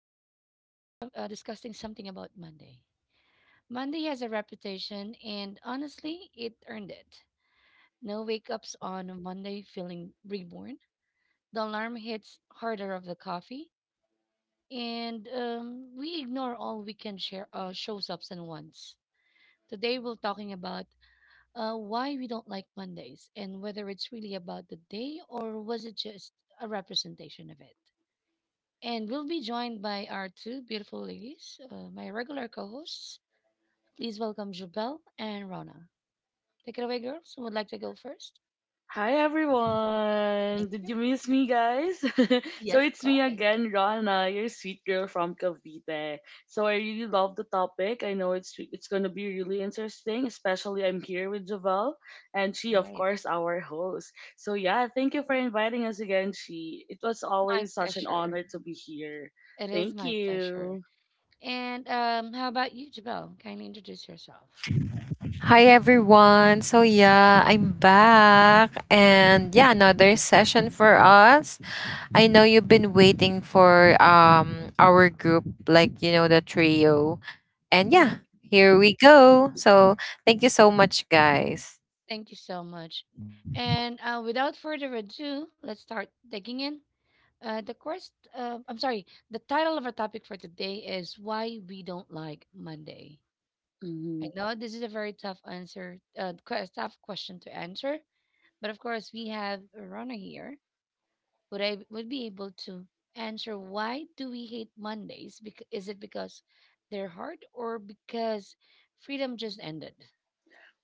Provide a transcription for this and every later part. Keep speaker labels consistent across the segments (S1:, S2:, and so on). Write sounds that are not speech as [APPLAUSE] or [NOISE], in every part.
S1: we're going to be some, discussing something about Monday. Monday has a reputation, and honestly, it earned it. No wake ups on a Monday feeling reborn. The alarm hits harder of the coffee, and we ignore all weekend share, shows ups and wants. Today, we're talking about why we don't like Mondays and whether it's really about the day or was it just a representation of it. And we'll be joined by our two beautiful ladies, my regular co hosts. Please welcome Jubel and Rona. Take it away, girls. Who would like to go first?
S2: Hi
S1: Thank
S2: everyone! Did
S1: you.
S2: you miss me, guys? [LAUGHS] So
S1: Yes, of
S2: it's me
S1: course.
S2: again, Rana, your sweet girl from Cavite. So I really love the topic. I know it's gonna be really interesting, especially I'm here with Javel, and she, of
S1: Right.
S2: course, our host. So yeah, thank you for inviting us again, she. It was
S1: My
S2: always such an
S1: pleasure.
S2: honor to be here.
S1: It is
S2: Thank
S1: my pleasure.
S2: you.
S1: And how about you, Jubel? Kindly introduce yourself.
S3: Hi everyone. So yeah, I'm back and yeah, another session for us. I know you've been waiting for our group, like the trio. And yeah,
S1: hmm
S3: here we go. So thank you so much guys.
S1: Thank you so much. And without further ado, let's start digging in. I'm sorry, the title of our topic for today is Why We Don't Like Monday. I
S2: Mm-hmm.
S1: know this is a very tough answer, tough question to answer, but of course we have Rona here. Would be able to answer, why do we hate Mondays? Is it because they're hard or because freedom just ended?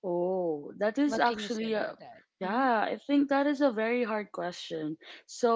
S2: Oh, that is
S1: What can you say
S2: actually a
S1: about that? Mm-hmm.
S2: yeah, I think that is a very hard question.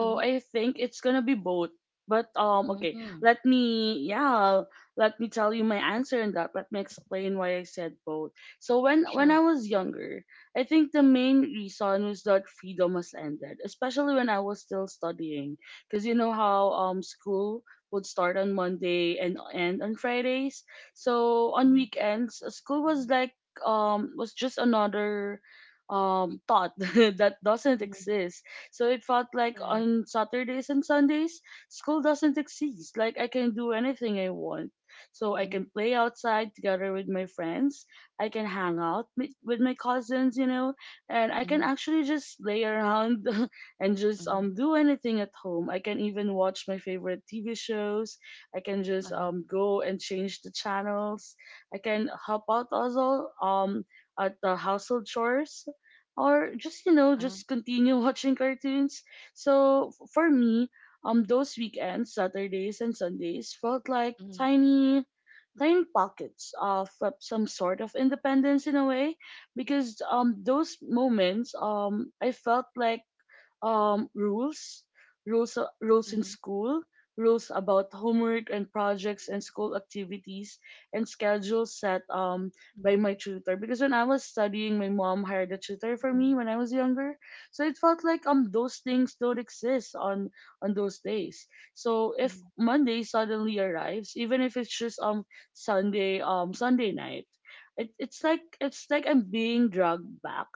S1: Mm-hmm.
S2: I think it's gonna be both. But okay,
S1: Mm-hmm.
S2: let me yeah, let me tell you my answer in that. Let me explain why I said both. So when
S1: Sure.
S2: I was younger, I think the main reason was that freedom has ended, especially when I was still studying. Cause you know how school would start on Monday and end on Fridays. So on
S1: Mm-hmm.
S2: weekends, school
S1: Mm-hmm.
S2: was like was just another thought [LAUGHS] that doesn't
S1: Mm-hmm.
S2: exist. So it felt like
S1: Correct.
S2: on Saturdays and Sundays, school doesn't exist. Like I can do anything I want. So I
S1: Mm-hmm.
S2: can play outside together with my friends. I can hang out with my cousins, you know, and I can
S1: Mm-hmm.
S2: actually just lay around [LAUGHS] and just
S1: Mm-hmm.
S2: do anything at home. I can even watch my favorite TV shows. I can just
S1: Uh-huh.
S2: go and change the channels. I can help out also at the household chores or just you know
S1: Uh-huh.
S2: just continue [LAUGHS] watching cartoons. So for me, those weekends, Saturdays and Sundays felt like
S1: Mm-hmm.
S2: tiny pockets of some sort of independence in a way because those moments I felt like um, rules, rules in
S1: Mm-hmm.
S2: school, rules about homework and projects and school activities and schedules set by my tutor. Because when I was studying, my mom hired a tutor for
S1: Mm-hmm.
S2: me when I was younger, so it felt like those things don't exist on those days. So if
S1: Mm-hmm.
S2: Monday suddenly arrives, even if it's just Sunday Sunday night. It's like it's like I'm being dragged back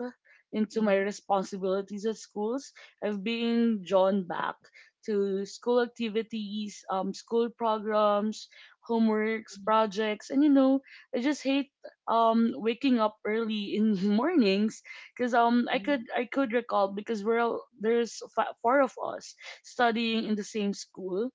S2: into
S1: Mm-hmm.
S2: my
S1: Mm-hmm.
S2: responsibilities at schools. I've been drawn back to school activities, school programs, homeworks,
S1: Mm-hmm.
S2: projects, and you know, I just hate waking up early in [LAUGHS] mornings because um I
S1: Mm-hmm.
S2: could I could recall because we're all, there's four of us studying in the same school.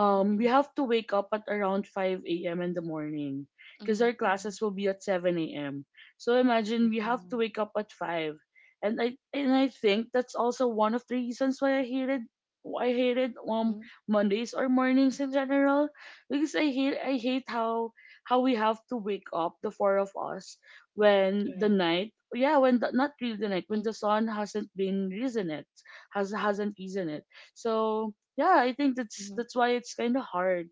S2: Um, we have to wake up at around 5 a.m. in the morning
S1: Mm-hmm.
S2: because our
S1: Mm-hmm.
S2: classes will be at 7 a.m. So imagine we have to
S1: Mhm.
S2: wake up at 5. And I think that's also one of the reasons why I hated
S1: Mm.
S2: Mondays or mornings in general because I hate how we have to wake up the four of us when the
S1: Correct.
S2: night yeah when the, not really the night when
S1: Mhm,
S2: the sun hasn't been risen it hasn't risen it so yeah, I think that's
S1: mhm,
S2: that's why it's kind of hard.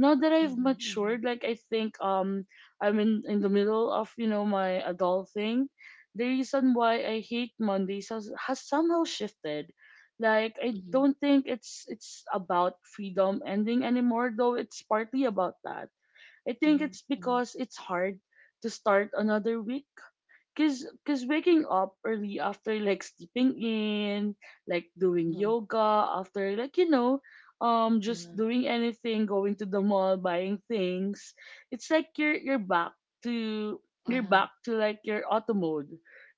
S2: Now that I've
S1: mhm,
S2: matured, like I think I'm in the middle of you know my adult thing. The reason why I hate Mondays has somehow shifted. Like
S1: mhm,
S2: I
S1: mhm,
S2: don't think it's about freedom ending anymore, though it's partly about that. I think
S1: mhm,
S2: it's
S1: mhm,
S2: because it's hard to start another week. Cause waking up early after like sleeping in, like doing
S1: mhm,
S2: yoga after like you know, just
S1: mhm,
S2: doing anything, going to the mall, buying things. It's like you're back to you're
S1: uh-huh.
S2: back to like your auto mode.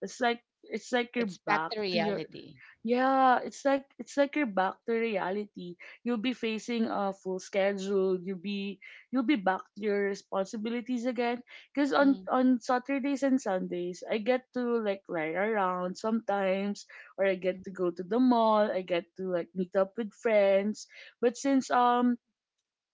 S2: It's like you're
S1: It's back
S2: back
S1: to
S2: to your
S1: reality.
S2: yeah, it's like you're back to reality. You'll be facing a full schedule. You'll be back to your responsibilities again. Cause
S1: Mhm,
S2: on Saturdays and Sundays, I get to like ride around sometimes, or I get
S1: mhm,
S2: to go to the mall. I get to like meet up with friends. But since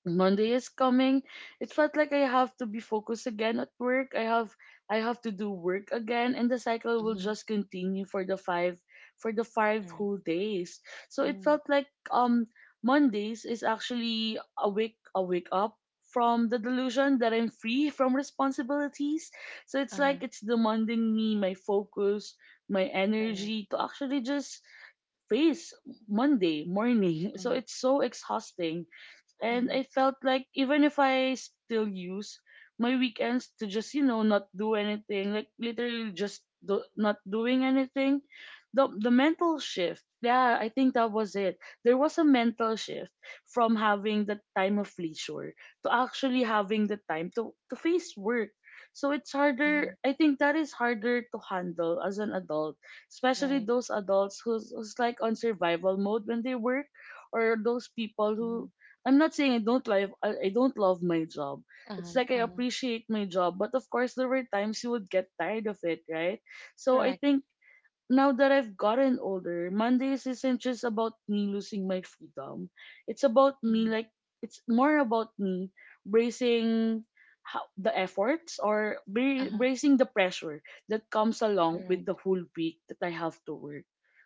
S2: Monday is coming. It felt like I have to be focused again at work. I have to do work again and the cycle will
S1: mhm.
S2: just continue for the five
S1: Correct.
S2: whole days. So it
S1: Mhm,
S2: felt like Mondays is actually a wake up from the delusion that I'm free from responsibilities. So it's
S1: uh-huh.
S2: like it's demanding me my focus, my
S1: Correct.
S2: energy to actually just face Monday morning. [LAUGHS] So
S1: Mhm,
S2: it's so exhausting and
S1: mhm,
S2: I felt like even if I still use my weekends to just you know not do anything, like literally just do, not doing anything, the mental shift. Yeah, I think that was it. There was a mental shift from having the time of leisure to actually having the time to face work. So it's harder.
S1: mhm.
S2: I think that is harder to handle as an adult, especially
S1: Right.
S2: those adults who's like on survival mode when they work or those people who
S1: Mhm,
S2: I don't love my job. It's
S1: uh-huh,
S2: like I
S1: uh-huh.
S2: appreciate my job, but of course there were times you would get tired of it, right? So I
S1: Correct.
S2: think now that I've gotten older, Mondays isn't just about me losing my freedom. It's about me,
S1: Mhm,
S2: like, it's more about me bracing how, the efforts or
S1: uh-huh.
S2: bracing the pressure that comes along with the
S1: Correct.
S2: whole week that I have to work.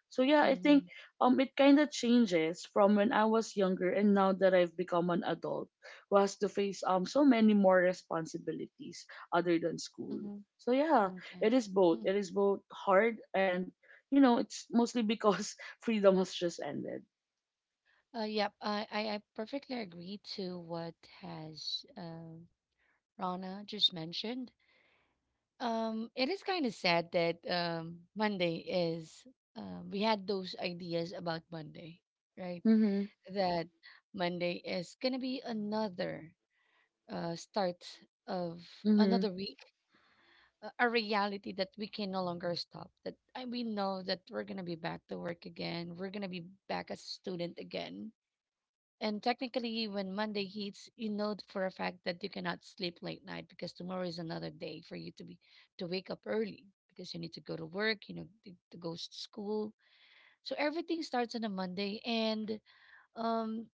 S2: So, yeah, I think
S1: Mhm,
S2: it kind of changes from when I was younger and now that I've become an adult who has to face so many more responsibilities other than school.
S1: mhm.
S2: So, yeah, it
S1: Okay.
S2: is both. It
S1: Mhm.
S2: is both hard and you know, it's mostly because [LAUGHS] freedom has just ended.
S1: I perfectly agree to what has Rana just mentioned. It is kind of sad that Monday is, we had those ideas about Monday, right?
S2: Mm-hmm.
S1: That Monday is going to be another start of
S2: Mm-hmm.
S1: another week, a reality that we can no longer stop. That we know that we're going to be back to work again, we're going to be back as a student again. And technically, when Monday hits, you know for a fact that you cannot sleep late night because tomorrow is another day for you to be to wake up early because you need to go to work, you know, to go school. So everything starts on a Monday, and um,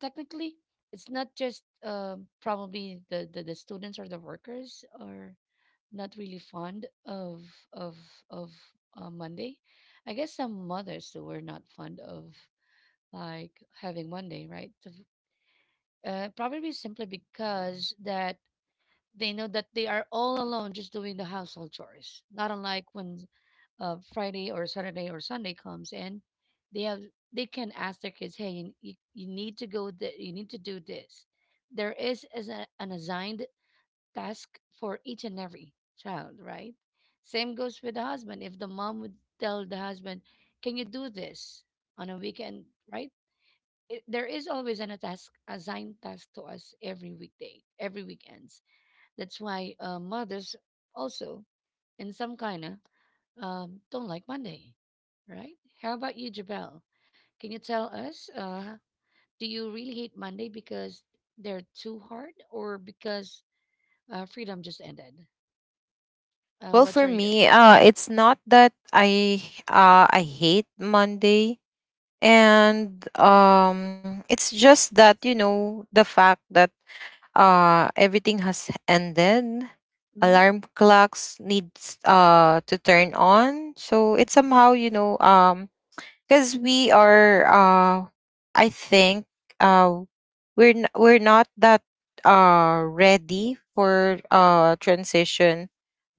S1: technically, it's not just probably the students or the workers are not really fond of of of Monday. I guess some mothers who were not fond of like having Monday, right? To probably simply because that they know that they are all alone just doing the household chores. Not unlike when Friday or Saturday or Sunday comes in, they have they can ask their kids, "Hey, you need to go. You need to do this." There is as a, an assigned task for each and every child, right? Same goes with the husband. If the mom would tell the husband, "Can you do this on a weekend?" Right? It, there is always an a task assigned task to us every weekday, every weekends. That's why mothers also, in some kind of, don't like Monday, right? How about you, Jabel? Can you tell us? Do you really hate Monday because they're too hard, or because freedom just ended?
S3: Well,
S1: What
S3: for
S1: are your?
S3: me, it's not that I hate Monday, and it's just that the fact that everything has ended.
S1: Mhm,
S3: Alarm clocks needs to turn on, so it's
S1: mhm,
S3: somehow, because we are, I think, uh we're not that ready for transition.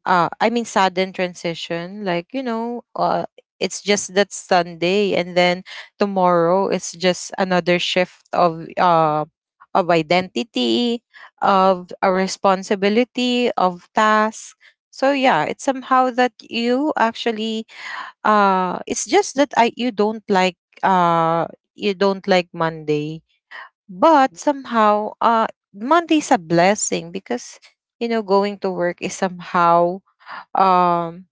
S3: I mean, sudden transition, like, it's just that Sunday, and then tomorrow it's just another shift of, identity, of a responsibility, of task. So yeah, it's somehow that you actually, it's just that I uh you don't like Monday. But somehow, Monday's a blessing because, going to work is somehow, um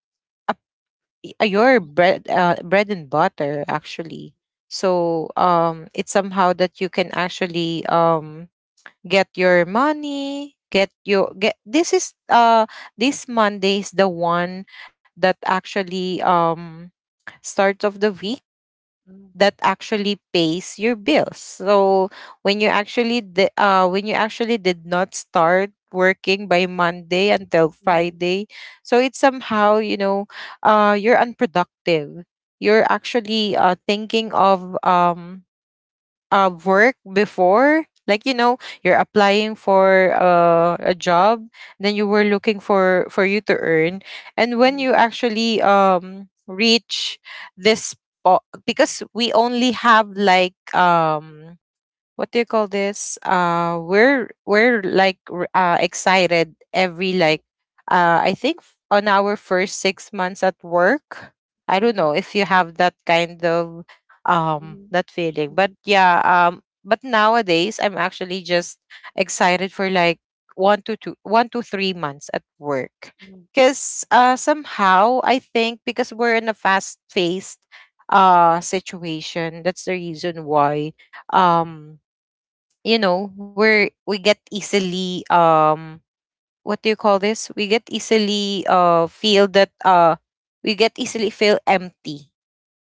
S3: a, your
S1: mhm,
S3: bread and butter, actually. So, it's somehow that you can actually, get your money, get your, get, this Monday is the one that actually, start of the week
S1: mhm,
S3: that actually pays your bills. So when you actually, did not start working by Monday until
S1: mhm, mhm,
S3: Friday, so it's somehow, you're unproductive. You're actually, thinking of, work before, like, you're applying for, a job, then you were looking for you to earn, and when you actually, reach this, because we only have, like, what do you call this, we're like, excited every, like, I think, on our first 6 months at work. I don't
S1: mhm, mhm,
S3: know if you have that kind of,
S1: mhm,
S3: that feeling, but
S1: mhm,
S3: yeah, but nowadays I'm actually just excited for like, one to 3 months at work,
S1: mhm.
S3: because, somehow I think because we're in a fast-paced situation. That's the reason why,
S1: Right.
S3: um we get easily, what do you call this, we get easily, feel that, we get easily feel empty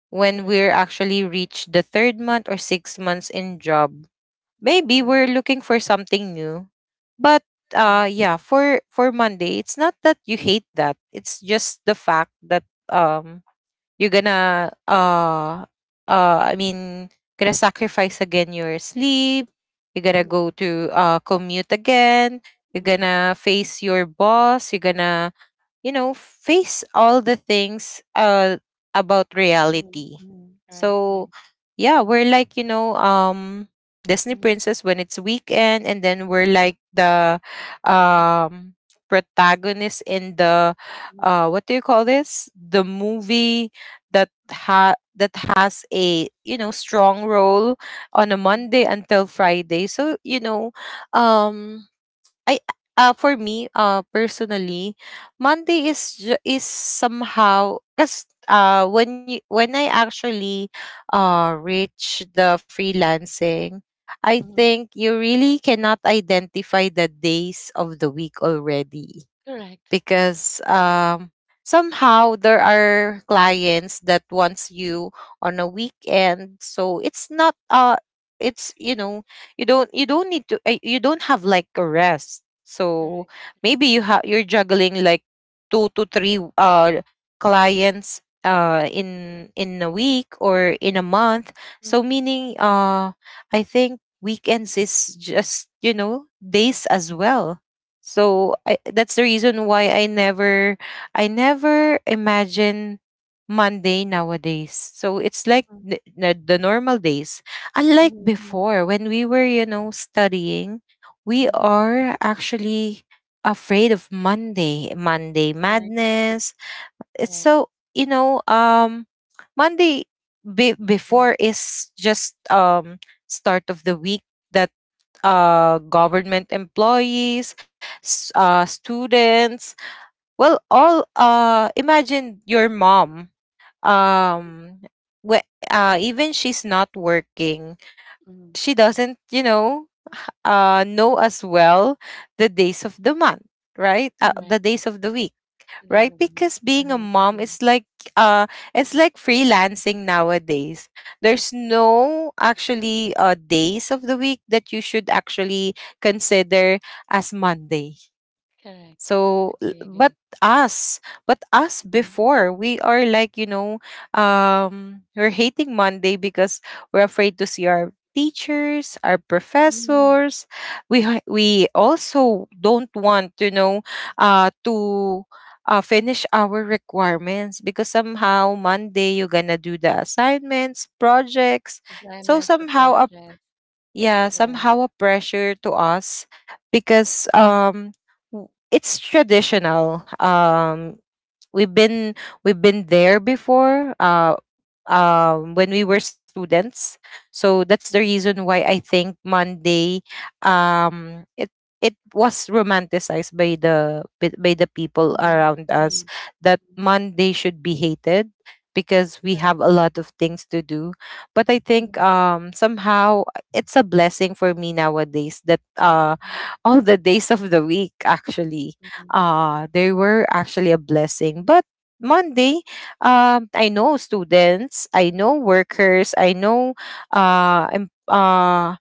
S3: when
S1: Correct.
S3: we're actually reach the third month or 6 months in job. Maybe we're looking for something new, but,
S1: Correct.
S3: yeah, for Monday, it's not that you hate that, it's just the fact that, um you're gonna, I mean, gonna sacrifice again your sleep. You're gonna go to, commute again. You're
S1: Mhm,
S3: gonna face your boss, you're gonna, face all the things, about
S1: mhm,
S3: reality.
S1: mhm. Right,
S3: So
S1: right.
S3: yeah, we're like, Disney
S1: Mhm,
S3: princess when it's weekend, and then we're like the,
S1: mhm,
S3: um protagonist in the,
S1: mhm,
S3: what do you call this, the movie that has a, strong role on a
S1: mhm,
S3: Monday until Friday. So, um I for me, personally, Monday is somehow, because, when I actually, reach the freelancing, I
S1: mhm.
S3: think you really cannot identify the days of the week already,
S1: Correct.
S3: because,
S1: I agree.
S3: somehow there are clients that wants you on a weekend, so it's not, it's you don't have like a rest. So
S1: Correct, correct.
S3: maybe you have you're juggling like two to three clients, in a week or in a month. So
S1: Mhm,
S3: meaning, I think weekends is just, days as well. So that's the reason why I never imagine Monday nowadays. So it's like
S1: mhm,
S3: the, the normal days. Unlike
S1: mhm, mhm,
S3: before, when we were, studying, we
S1: mhm.
S3: are actually afraid of Monday, Monday
S1: Right.
S3: madness. It's
S1: Correct.
S3: so, Monday
S1: Mhm,
S3: before is just, start of the week, that, government employees, students. Well, all imagine your mom. Um, Even she's not working,
S1: mhm,
S3: she doesn't,
S1: mhm.
S3: know as well, the days of the month, right? The
S1: Correct.
S3: days of the week,
S1: The days
S3: right?
S1: of the week.
S3: Because being a
S1: Uh-huh.
S3: mom
S1: Agree.
S3: is like uh it's like freelancing nowadays. There's no actually days of the week that you should actually consider as Monday.
S1: Correct.
S3: So,
S1: Agree,
S3: but
S1: agree.
S3: us,
S1: Mhm,
S3: before, we are like, we're hating Monday because we're afraid to see our teachers, our
S1: mhm.
S3: professors. We also don't want, to, finish our requirements because somehow Monday you're gonna do the assignments, projects.
S1: Assignments, the
S3: So
S1: projects.
S3: somehow, yeah,
S1: Correct.
S3: somehow a pressure to us, because, it's traditional, We've been we've been there before, when we were students. So that's
S1: Mhm,
S3: the reason why I think Monday, um it it was romanticized by the people
S1: mhm,
S3: around
S1: mhm,
S3: us,
S1: mhm.
S3: that Monday should be hated because
S1: Correct.
S3: we have a lot of things to do. But I
S1: Mhm,
S3: think, somehow it's a blessing for me nowadays, that,
S1: mhm,
S3: all the days of the week actually,
S1: mhm, mhm,
S3: they were actually a blessing. But Monday, I know students, I know workers, I know, uh, em- uh,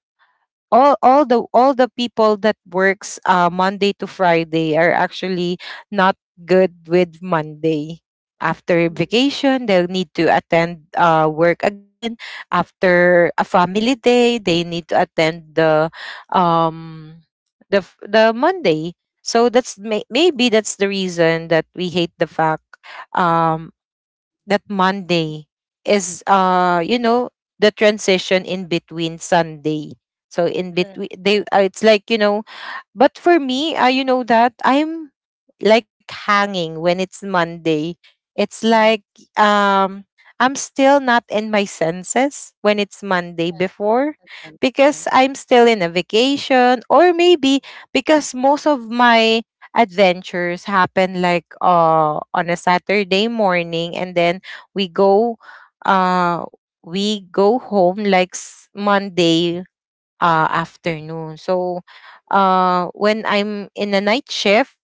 S3: all the people that works, Monday to Friday, are actually not good with Monday. After
S1: mhm,
S3: vacation, they'll need to attend, work again. After a family day, they need to attend the, um Monday. So that's, maybe that's the reason that we hate the fact, um that
S1: mhm.
S3: Monday is, the transition in between Sunday. So in
S1: Correct,
S3: between, they
S1: correct.
S3: it's like, But for me, you know that I'm like hanging when it's Monday. It's
S1: Mhm.
S3: like, um I'm still not in my senses when it's Monday
S1: Yes, yes,
S3: before,
S1: that's right, that's right.
S3: because I'm still in a vacation, or maybe because most of my adventures happen like, on a Saturday morning, and then we go uh we go home like, Monday, afternoon. So,
S1: Mhm.
S3: when I'm in a night shift,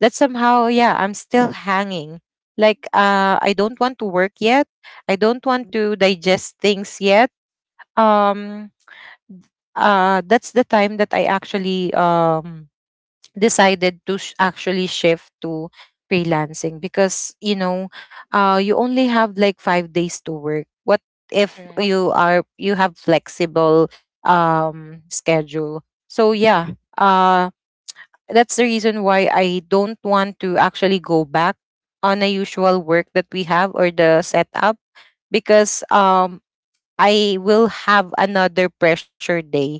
S3: that somehow, yeah, I'm still hanging. Like, I don't want to work yet. I don't want to digest things yet. Um, that's the time that I actually, decided to, actually shift to freelancing, because, you only have like 5 days to work. What if
S1: Correct.
S3: you are you have flexible, schedule? So yeah,
S1: Mhm,
S3: that's the reason why I don't want to actually go back on a usual work that we have, or the setup, because, I will have another pressure day.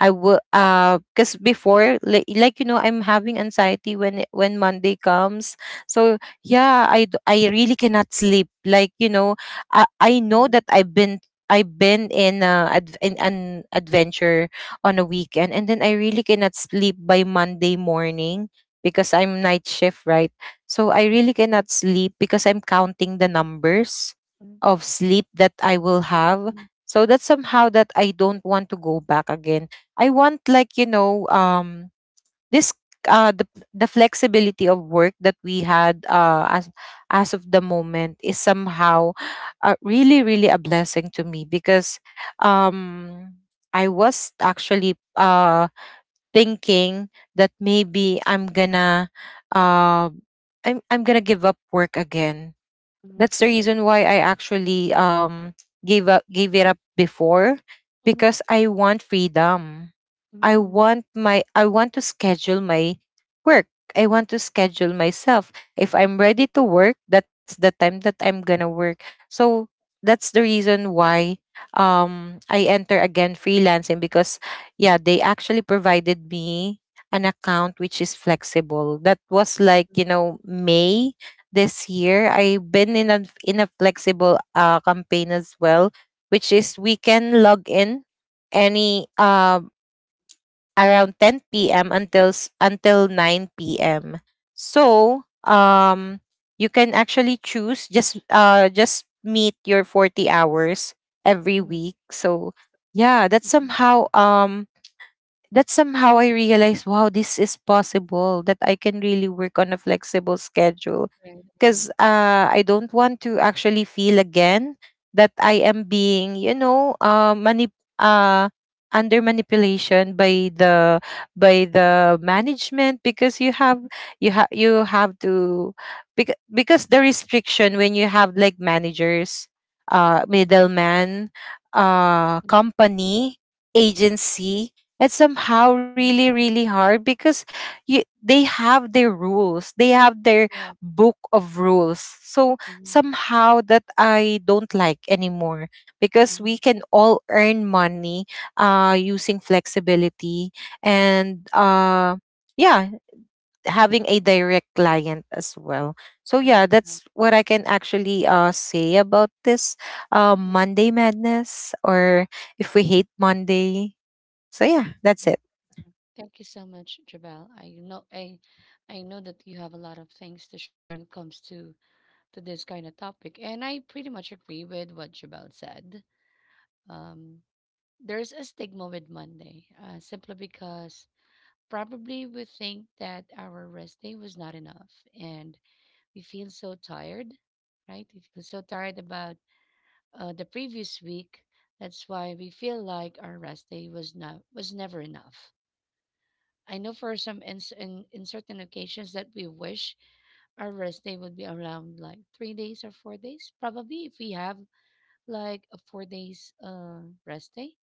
S3: I will Cuz before, I'm having anxiety when, when Monday comes. So yeah, I really cannot sleep. Like, I know
S1: mhm,
S3: that I've been in, in an adventure on a weekend, and then I really cannot sleep by Monday morning because I'm night shift, right? So I really cannot sleep because I'm counting the numbers
S1: mhm, mhm,
S3: of sleep that I will have,
S1: mhm,
S3: so that's somehow that I don't want to go back again. I want, like, this uh the the flexibility of work that we had, as of the moment, is somehow, really really a blessing to me, because, um I was actually, thinking that maybe uh I'm gonna give up work again. That's the reason why I actually, gave it up before, because I want freedom. I want to schedule my work. I want to schedule myself. If I'm ready to work, that's the time that I'm gonna work. So that's the reason why, I enter again freelancing, because yeah, they actually provided me an account which is flexible. That was like, May this year. I've been in a flexible campaign as well, which is we can log in any, around 10 p.m. until, until 9 p.m. So, you can actually choose, just meet your 40 hours every week. So yeah, that's
S1: mhm,
S3: somehow, I realized, wow, this is possible that I can really work on a flexible schedule,
S1: right, right,
S3: because,
S1: mhm,
S3: I don't want to actually feel again that I am being, uh, under manipulation by the management, because you have to, because the restriction when you have like managers,
S1: mhm,
S3: middleman,
S1: mhm,
S3: company, agency. It's
S1: mhm, mhm, mhm, mhm, mhm. Right,
S3: somehow
S1: right. Mhm, mhm, mhm, mhm.
S3: really really hard because, they have their rules. They have their
S1: Correct.
S3: book of rules. So
S1: Mhm,
S3: somehow that I don't like anymore, because we
S1: mhm.
S3: can all earn money, using flexibility, and, yeah, having a direct client as well. So yeah,
S1: Correct.
S3: that's what I can actually, say about this,
S1: Mhm.
S3: Monday madness, or if we hate Monday. So yeah, that's
S1: Okay.
S3: it.
S1: Thank you so much, Jabal. I know that you have a lot of things to share when it comes to this kind of topic, and I pretty much agree with what Jabal said. Um, there's a stigma with Monday, simply because probably we think that our rest day was not enough and we feel so tired, right? We feel so tired about the previous week. That's why we feel like our rest day was never enough. I know for some in certain occasions that we wish our rest day would be around like 3 days or 4 days. Probably if we have like a 4 days rest day,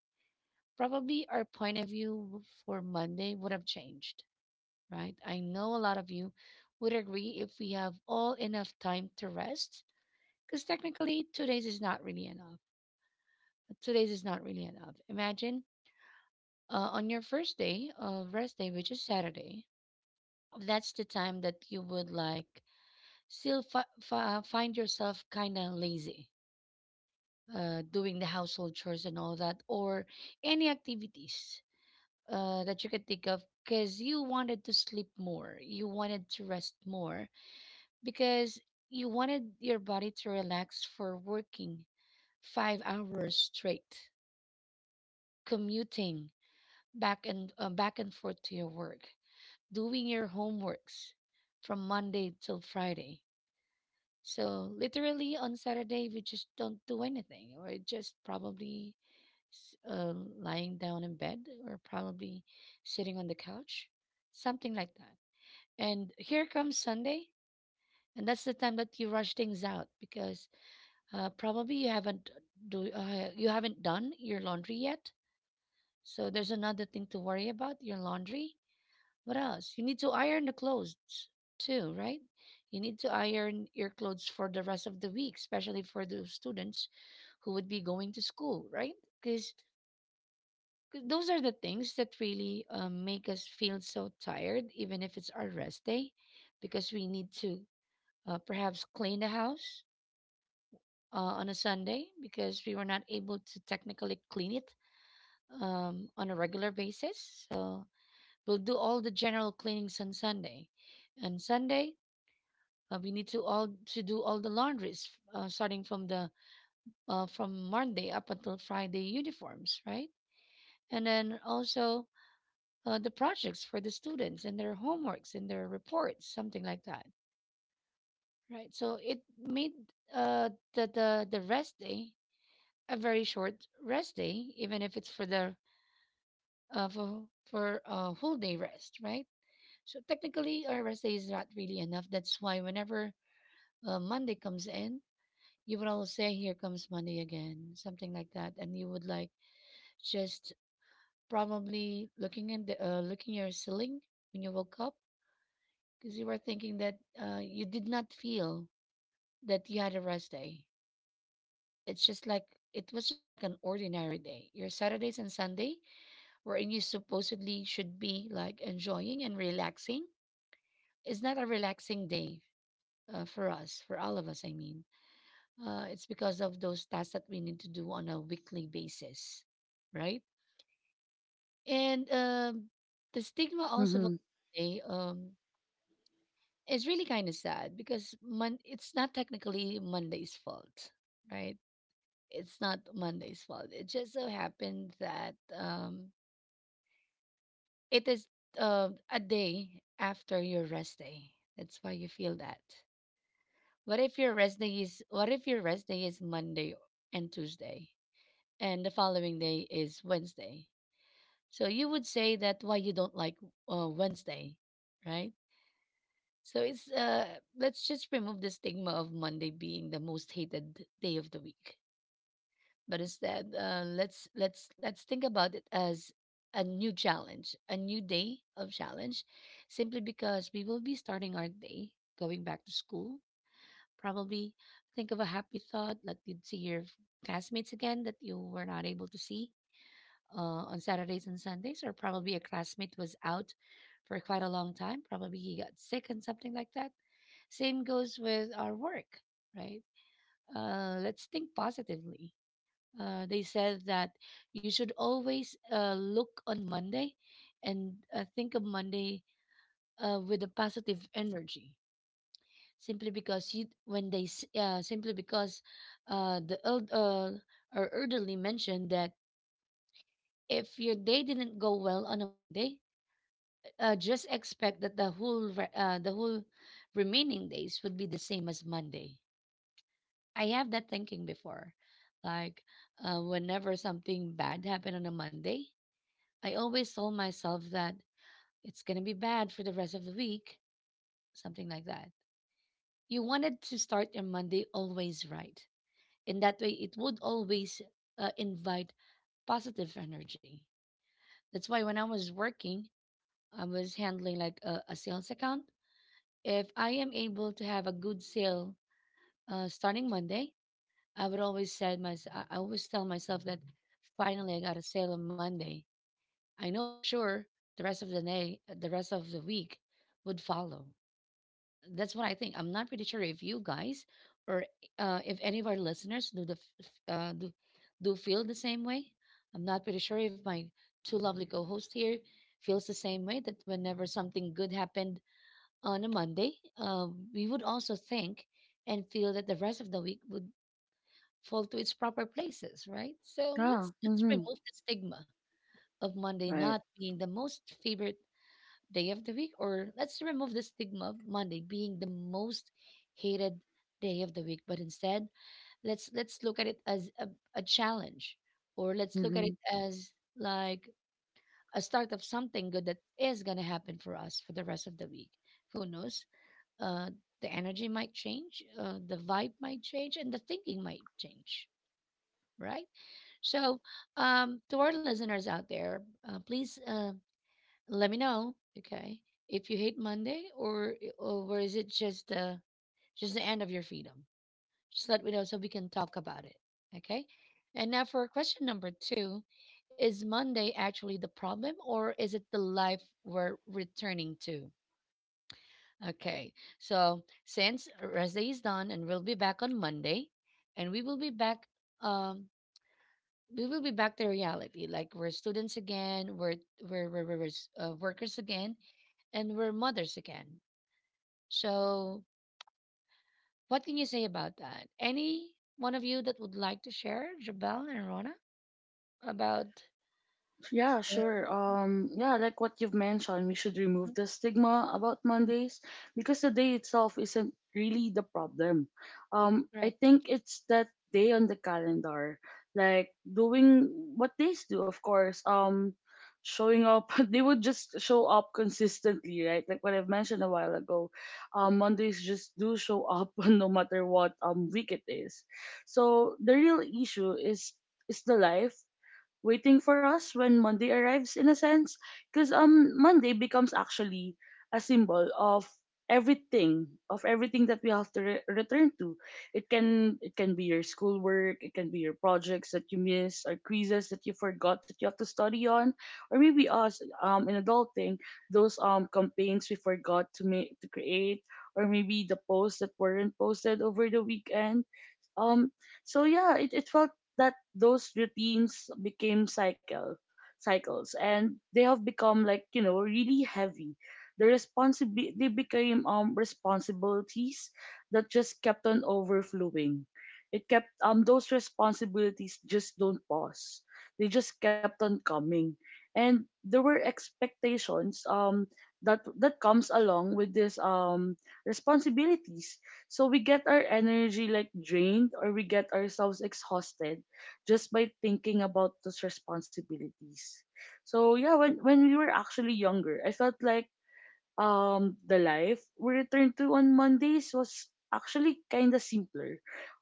S1: probably our point of view for Monday would have changed, right? I know a lot of you would agree if we have all enough time to rest, because technically, 2 days is not really enough. 2 days is not really enough. Imagine on your first day of rest day, which is Saturday, that's the time that you would like still find yourself kind of lazy. Doing the household chores and all that, or any activities that you can think of, because you wanted to sleep more, you wanted to rest more, because you wanted your body to relax for working 5 hours straight, commuting back and forth to your work, doing your homeworks from Monday till Friday. So literally on Saturday we just don't do anything. We're just probably s- uh, lying down in bed or probably sitting on the couch, something like that. And here comes Sunday, and that's the time that you rush things out because probably you haven't do you haven't done your laundry yet. So there's another thing to worry about, your laundry. What else? You need to iron the clothes too, right? You need to iron your clothes for the rest of the week, especially for those students who would be going to school, right? Because those are the things that really make us feel so tired, even if it's our rest day, because we need to perhaps clean the house on a Sunday because we were not able to technically clean it on a regular basis. So we'll do all the general cleanings on Sunday. And Sunday, we need to all to do all the laundries starting from the from Monday up until Friday uniforms, right? And then also the projects for the students and their homeworks and their reports, something like that, right? So it made the rest day a very short rest day, even if it's for the uh, for for a whole day rest, right? So technically, our rest day is not really enough. That's why whenever Monday comes in, you would all say, "Here comes Monday again," something like that, and you would like just probably looking in the looking your ceiling when you woke up because you were thinking that you did not feel that you had a rest day. It's just like it was just like an ordinary day. Your Saturdays and Sunday wherein you supposedly should be like enjoying and relaxing is not a relaxing day for us, for all of us, I mean. It's because of those tasks that we need to do on a weekly basis, right? And the stigma also of
S2: Mm-hmm.
S1: a day is really kind of sad because it's not technically Monday's fault, right? It's not Monday's fault. It just so happened that it is a day after your rest day. That's why you feel that. What if your rest day is Monday and Tuesday and the following day is Wednesday? So you would say that why you don't like Wednesday, right? So it's uh, let's just remove the stigma of Monday being the most hated day of the week, but instead let's think about it as a new challenge, a new day of challenge, simply because we will be starting our day going back to school. Probably think of a happy thought that you'd see your classmates again that you were not able to see on Saturdays and Sundays, or probably a classmate was out for quite a long time, probably he got sick and something like that. Same goes with our work, right? Uh, let's think positively. Uh, they said that you should always look on Monday and think of Monday with a positive energy. Simply because you, when they, s- simply because the eld- our elderly mentioned that if your day didn't go well on a Monday, just expect that the whole remaining days would be the same as Monday. I have that thinking before, like whenever something bad happened on a Monday, I always told myself that it's going to be bad for the rest of the week, something like that. You wanted to start your Monday always right. In that way, it would always invite positive energy. That's why when I was working, I was handling like a sales account. If I am able to have a good sale starting Monday, I always tell myself that finally I got a sale on Monday. I know for sure the rest of the day, the rest of the week would follow. That's what I think. I'm not pretty sure if you guys or if any of our listeners do the f- f- do, do feel the same way. I'm not pretty sure if my two lovely co-hosts here feels the same way that whenever something good happened on a Monday, uh, we would also think and feel that the rest of the week would fall to its proper places, right? So let's
S2: Yeah.
S1: let's
S2: Mm-hmm.
S1: remove the stigma of Monday
S2: Right.
S1: not being the most favorite day of the week, or let's remove the stigma of Monday being the most hated day of the week, but instead let's look at it as a challenge, or let's look at
S2: Mm-hmm.
S1: it as like a start of something good that is gonna happen for us for the rest of the week. Who knows? Uh, the energy might change, the vibe might change, and the thinking might change, right? So, to our listeners out there, please. Let me know, okay? If you hate Monday or is it just the end of your freedom? Just let me know so we can talk about it, okay? And now for question number two, is Monday actually the problem or is it the life we're returning to? Okay, so since rest day is done and we'll be back on Monday, and we will be back, um, we will be back to reality. Like we're students again, we're workers again, and we're mothers again. So, what can you say about that? Any one of you that would like to share, Jabel and Rona, about?
S2: Yeah,
S1: Yes.
S2: sure. Yeah, like what you've mentioned, we should remove
S1: Mhm,
S2: the stigma about
S1: mhm.
S2: Mondays because the day itself isn't really the problem. I
S1: Correct.
S2: think it's that day on the calendar, like doing what days do, of course. Showing up, [LAUGHS] they would just show up consistently, right? Like what I've mentioned a while ago. Mondays just do show up [LAUGHS] no matter what week it is. So the real issue is the life waiting for us when Monday arrives in a sense because Monday becomes actually a symbol everything of everything that we have to return to. It can it can be your schoolwork, it can be your projects that you missed or quizzes that you forgot that you have to study on, or maybe us in adulting those campaigns we forgot to make to create, or maybe the posts that weren't posted over the weekend. um, so yeah, it felt that those routines became cycles and they have become like, you know, really heavy. The responsibility they became responsibilities that just kept on overflowing. It kept those responsibilities just don't pause. They just kept on coming. And there were expectations that comes along with this responsibilities, so we get our energy like drained or we get ourselves exhausted just by thinking about those responsibilities. So yeah, when we were actually younger, I felt like the life we returned to on Mondays was actually kind of simpler.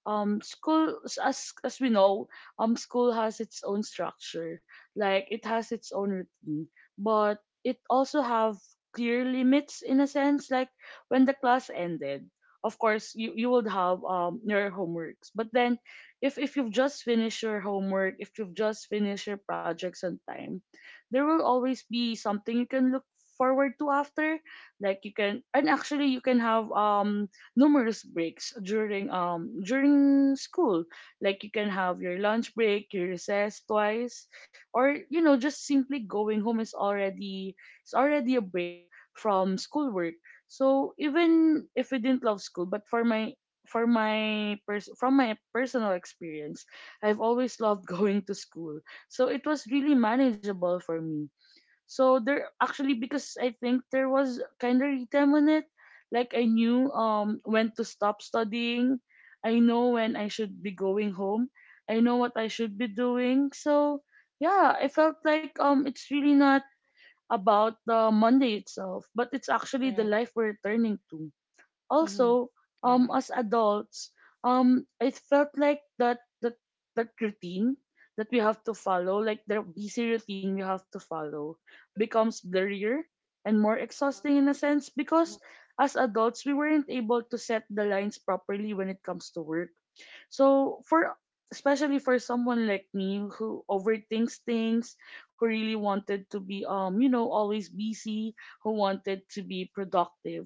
S2: School as we know, school has its own structure, like it has its own routine, but it also have clear limits in a sense. Like when the class ended, of course you would have your homeworks, but then if you've just finished your homework, if you've just finished your projects on time, there will always be something you can look forward to after. Like you can, and actually you can have numerous breaks during during school, like you can have your lunch break, your recess twice, or you know just simply going home is already it's already a break from schoolwork. So even if we didn't love school, but for my from my personal experience, I've always loved [LAUGHS] going to school, so it was really manageable for me. So there actually, because I think there was kind of a time on it, like I knew when to stop studying, I know when I should be going home, I know what I should be doing. So yeah, I felt like it's really not about the Monday itself, but it's actually the
S1: Correct.
S2: life we're turning to
S1: Hmm.
S2: also
S1: Correct.
S2: as adults. Um, it felt like that routine that we have to follow, like the busy routine we have to follow becomes blurrier and more exhausting in a sense
S1: Mm-hmm.
S2: because as adults we weren't able to set the lines properly when it comes to work. So for especially for someone like me who overthinks things, who really wanted to be you know, always busy, who wanted to be productive.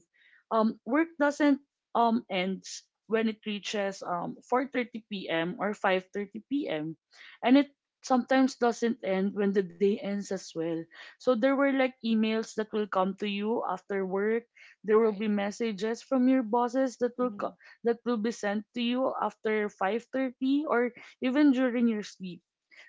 S2: Um, work doesn't ends when it reaches 4:30 p.m. or 5:30 p.m., and it sometimes doesn't end when the day ends as well. So there were like emails that will come to you after work. There will
S1: Right.
S2: be messages from your bosses that
S1: Hmm.
S2: that will be sent to you after 5:30 or even during your sleep.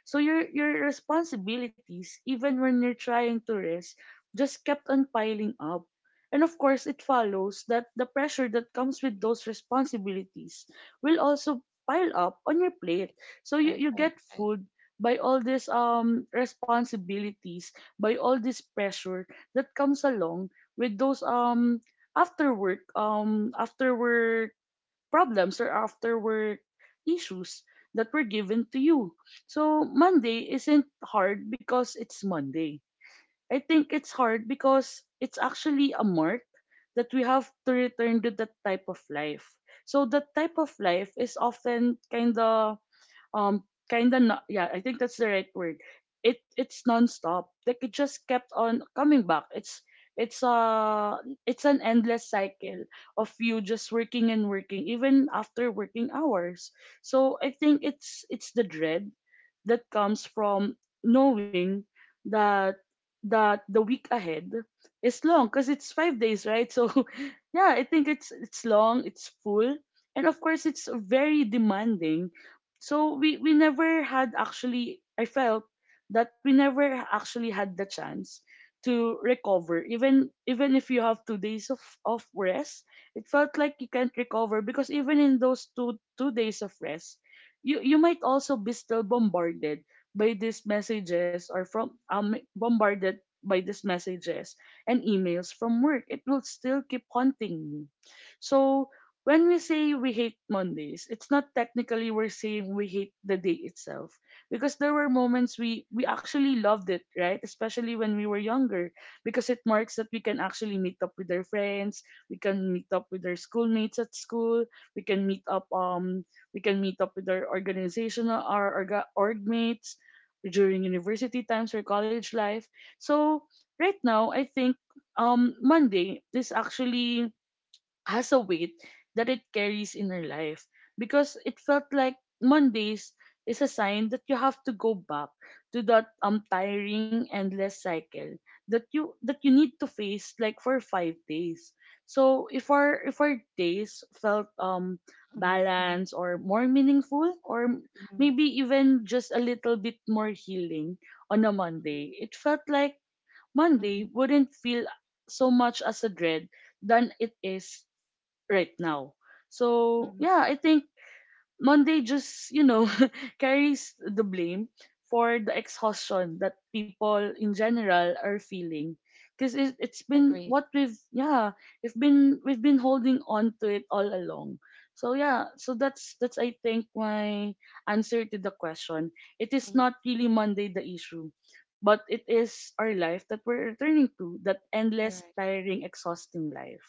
S2: So your responsibilities, even when you're trying to rest, just kept on piling up. And of course, it follows that the pressure that comes with those responsibilities will also pile up on your plate. So you,
S1: Right.
S2: you
S1: Right.
S2: get
S1: Right.
S2: food by all these responsibilities, by all this pressure that comes along with those after work problems or after work issues that were given to you. So Monday isn't hard because it's Monday. I think it's hard because it's actually a mark that we have to return to that type of life. So that type of life is often um kind of yeah, I think that's the right word. It's nonstop, like it just kept on coming back. It's it's uh it's an endless cycle of you just working and working even after working hours. So I think it's the dread that comes from knowing that that the week ahead is long because it's 5 days, right? So [LAUGHS] yeah, I think it's long, it's full, and of course it's very demanding. So we never had, actually I felt that we never actually had the chance to recover. Even if you have 2 days of rest, it felt like you can't recover, because even in those two days of rest you might also be still bombarded by these messages by these messages and emails from work. It will still keep haunting you. So when we say we hate Mondays, it's not technically we're saying we hate the day itself, because there were moments we actually loved it, right? Especially when we were younger, because it marks that we can actually meet up with our friends, we can meet up with our schoolmates at school, we can meet up with our org mates during university times or college life. So right now, I think Monday is actually has a weight that it carries in her life, because it felt like Mondays is a sign that you have to go back to that tiring, endless cycle that you need to face like for 5 days. So if our days felt
S1: Mm-hmm. Mm-hmm.
S2: balanced or more meaningful
S1: Mm-hmm.
S2: maybe even just a little bit more healing on a Monday, it felt like Monday
S1: Mm-hmm.
S2: wouldn't feel so much as a dread than it is right now. So
S1: Mm-hmm.
S2: yeah, I think Monday just [LAUGHS] carries the blame for the exhaustion that people in general are feeling. Because it's been
S1: Agreed.
S2: what we've yeah, we've been holding on to it all along. So yeah, so that's I think my answer to the question. It is
S1: Mhm.
S2: not really Monday the issue, but it is our life that we're returning to, that endless,
S1: Correct.
S2: tiring, exhausting life.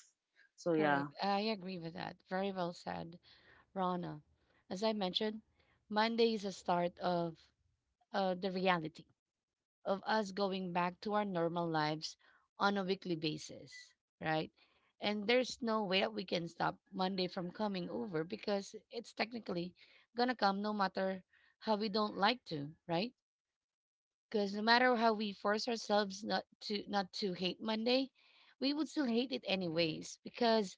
S2: So yeah.
S1: Correct. I agree with that. Very well said, Rana. As I mentioned, Monday is a start of the reality. Of us going back to our normal lives on a weekly basis, right? And there's no way that we can stop Monday from coming over because it's technically gonna come no matter how we don't like to, right? Because no matter how we force ourselves not to hate Monday, we would still hate it anyways because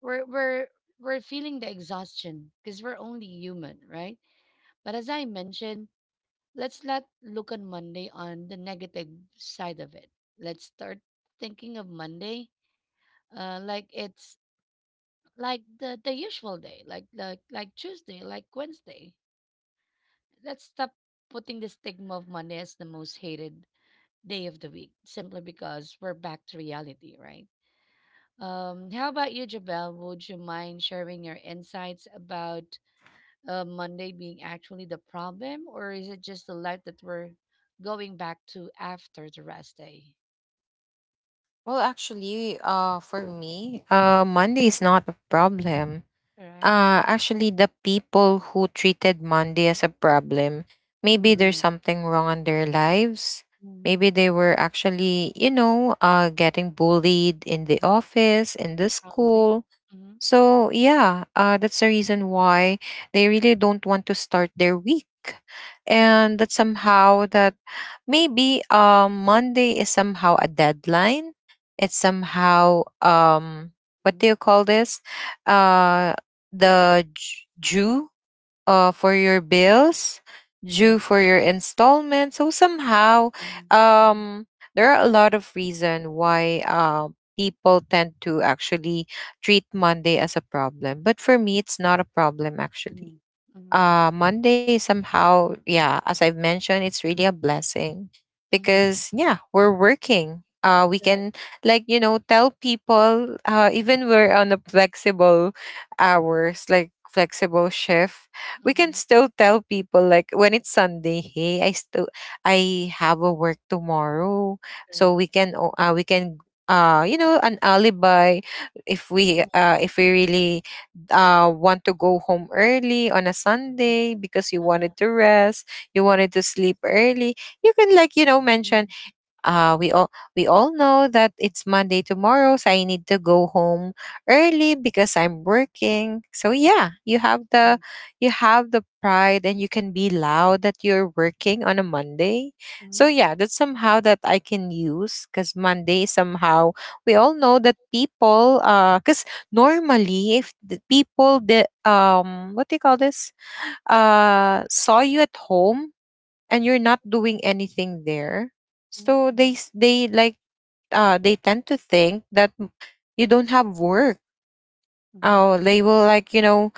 S1: we're we're feeling the exhaustion because we're only human, right? But as I mentioned, let's not look on Monday on the negative side of it. Let's start thinking of Monday like it's like the usual day, like like Tuesday, like Wednesday. Let's stop putting the stigma of Monday as the most hated day of the week simply because we're back to reality, right? How about you, Jabel? Would you mind sharing your insights about Monday being actually the problem, or is it just the life that we're going back to after the rest day?
S3: Well, actually, for me, Monday is not a problem.
S1: Correct?
S3: Actually, the people who treated Monday as a problem, maybe there's
S1: Mm-hmm.
S3: something wrong in their lives.
S1: Mm-hmm.
S3: Maybe they were actually getting bullied in the office, in the
S1: Probably.
S3: school,
S1: Hmm.
S3: so yeah, that's the reason why they really don't want to start their week,
S1: Correct.
S3: and that somehow that maybe Monday is somehow a deadline. It's somehow what do
S1: Mm-hmm.
S3: you call this? Uh, the Jew for your bills,
S1: Mm-hmm.
S3: due for your installment. So somehow,
S1: Mm-hmm.
S3: um, there are a lot of reason why people tend to actually treat Monday as a problem. But for me, it's not a problem actually.
S1: Mm-hmm. Mm-hmm.
S3: Monday somehow, yeah, as I've mentioned, it's really a blessing
S1: Mm-hmm.
S3: because yeah, we're working. We
S1: Correct.
S3: can like, you know, tell people even we're on a flexible hours, like flexible shift, we can
S1: Mm-hmm.
S3: still tell people like when it's Sunday, hey, I have a work tomorrow. So
S1: Correct.
S3: we can you know an alibi if we
S1: Uh-huh.
S3: uh if we really want to go home early on a
S1: Correct.
S3: Sunday because you
S1: Uh-huh.
S3: wanted to rest, you wanted to sleep early, you can like, you know, mention
S1: Mm-hmm.
S3: uh, we all we all know that it's Monday tomorrow, so I need to go home early because I'm working. So yeah,
S1: Mm-hmm.
S3: you have the pride and you can be loud that you're working on a Monday. So
S1: Mm-hmm.
S3: yeah, that's somehow that I can use because Monday somehow we all know that people because normally if the people the what do you call this saw you at home and you're not doing anything there so
S1: Mm-hmm.
S3: they like they tend to think that you don't have work.
S1: Mm-hmm.
S3: Oh, they will like, you know,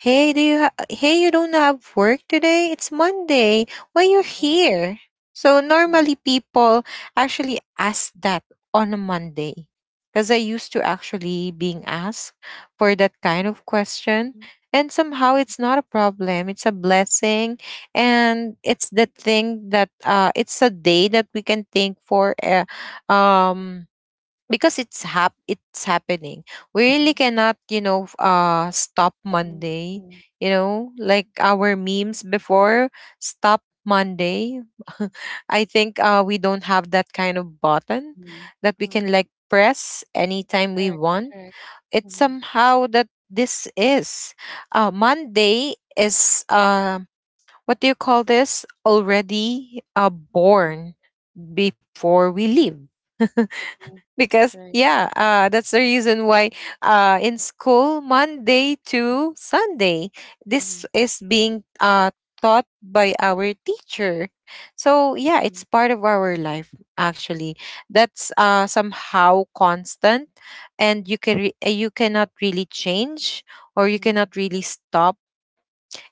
S3: Hey, you don't have work today? It's Monday. Why you're
S1: Correct.
S3: here? So normally
S1: Correct.
S3: people actually ask that on a Monday. Cuz I used to actually being asked for that kind of question
S1: Mm,
S3: and somehow it's not a problem. It's a blessing and it's the thing that it's a day that we can think for um because it's happening, we really
S1: mm,
S3: cannot, you know, stop
S1: mm,
S3: Monday,
S1: mm,
S3: you know, like our memes before. Stop Monday. [LAUGHS] I think we don't have that kind of button
S1: mm,
S3: that we
S1: mm.
S3: can like press anytime we
S1: Correct.
S3: want.
S1: Correct.
S3: It's
S1: Mm,
S3: somehow that this is, Monday is what do you call this already?
S1: mm,
S3: Born before we leave. [LAUGHS]
S1: mm.
S3: Because
S1: Right.
S3: yeah, that's the reason why in school Monday to Sunday, this
S1: Mm,
S3: is being taught by our teacher. So yeah, it's part of our life actually. That's somehow constant and you cannot really change or you
S1: mm,
S3: cannot really stop.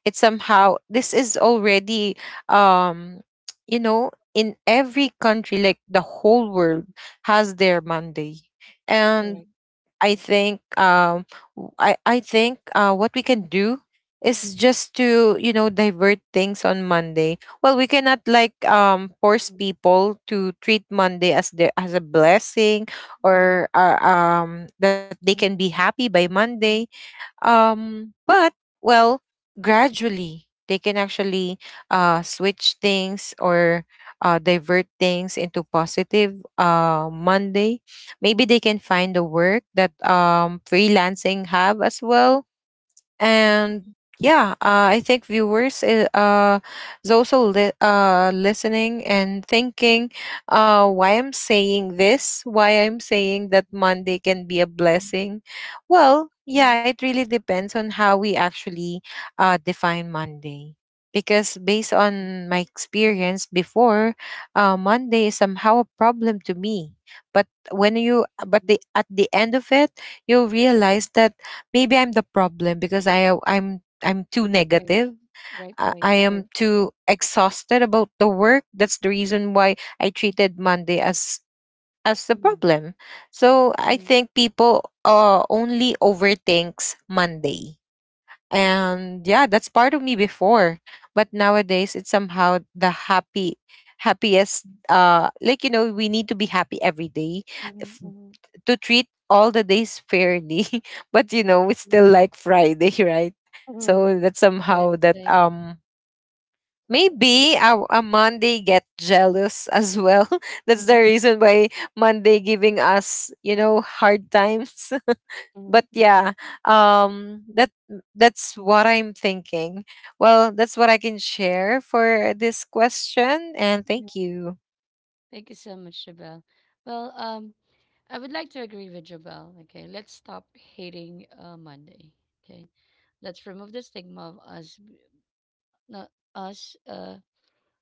S3: It's
S1: mm.
S3: somehow this is already um you know, in every country, like the whole world has their Monday. And
S1: Correct.
S3: I think I think what we can do is just to, you know, divert things on Monday. Well, we cannot like force
S1: Mhm,
S3: people to treat Monday as their as a blessing,
S1: mhm,
S3: or that they can be
S1: mhm,
S3: happy by Monday.
S1: mhm,
S3: But, well, gradually they can actually switch things or divert things into positive Monday. Maybe
S1: mhm,
S3: they can find the work that freelancing have as well.
S1: mhm,
S3: And yeah, I think viewers is also listening and thinking why I'm saying this, why I'm saying that Monday can be a
S1: mhm,
S3: blessing. Well
S1: mhm,
S3: yeah, it really depends on how we actually define Monday, because based on my
S1: mhm.
S3: experience before, Monday is somehow a problem to me. But when you but
S1: Mhm.
S3: the at the end of it, you'll realize that maybe I'm the problem because I'm too
S1: Right,
S3: negative.
S1: right, right,
S3: I
S1: right.
S3: am too exhausted about the work. That's the reason why I treated Monday as the
S1: Mhm,
S3: problem. So I
S1: mhm,
S3: think people only overthinks Monday. And yeah, that's part of me before. But nowadays it's somehow the happy happiest, like you know, we need to be happy every day.
S1: mhm,
S3: If
S1: mhm,
S3: to treat all the days fairly. [LAUGHS] But you know, it's still like Friday. [LAUGHS] Right?
S1: mhm, mhm.
S3: So that somehow
S1: Right,
S3: that
S1: right.
S3: maybe a Monday get jealous as well. [LAUGHS] That's the
S1: Mhm,
S3: reason why Monday giving us, you know, hard times. [LAUGHS] But
S1: mhm,
S3: yeah,
S1: mhm,
S3: um that that's what I'm thinking. Well, that's what I can share for this question, and
S1: mhm.
S3: thank you.
S1: Thank you so much, Jabel. Well, I would like to agree with Jabel. Okay, let's stop hating Monday. Okay, let's remove the stigma of us not us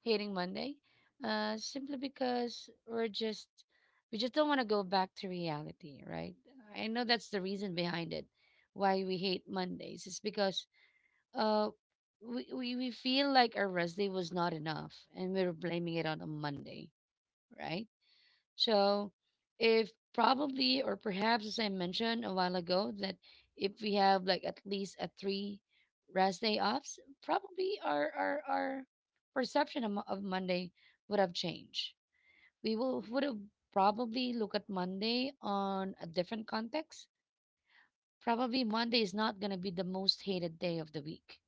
S1: hating Monday, simply because we just don't want to go back to reality, right? I know that's the reason behind it, why we hate Mondays. It's because uh, we feel like our rest day was not enough, and we're blaming it on a Monday, right? So, if probably or perhaps, as I mentioned a while ago, that if we have like at least a 3 rest day offs, probably our perception of Monday would have changed. We will would have probably look at Monday on a different context. Probably Monday is not gonna be the most hated day of the week,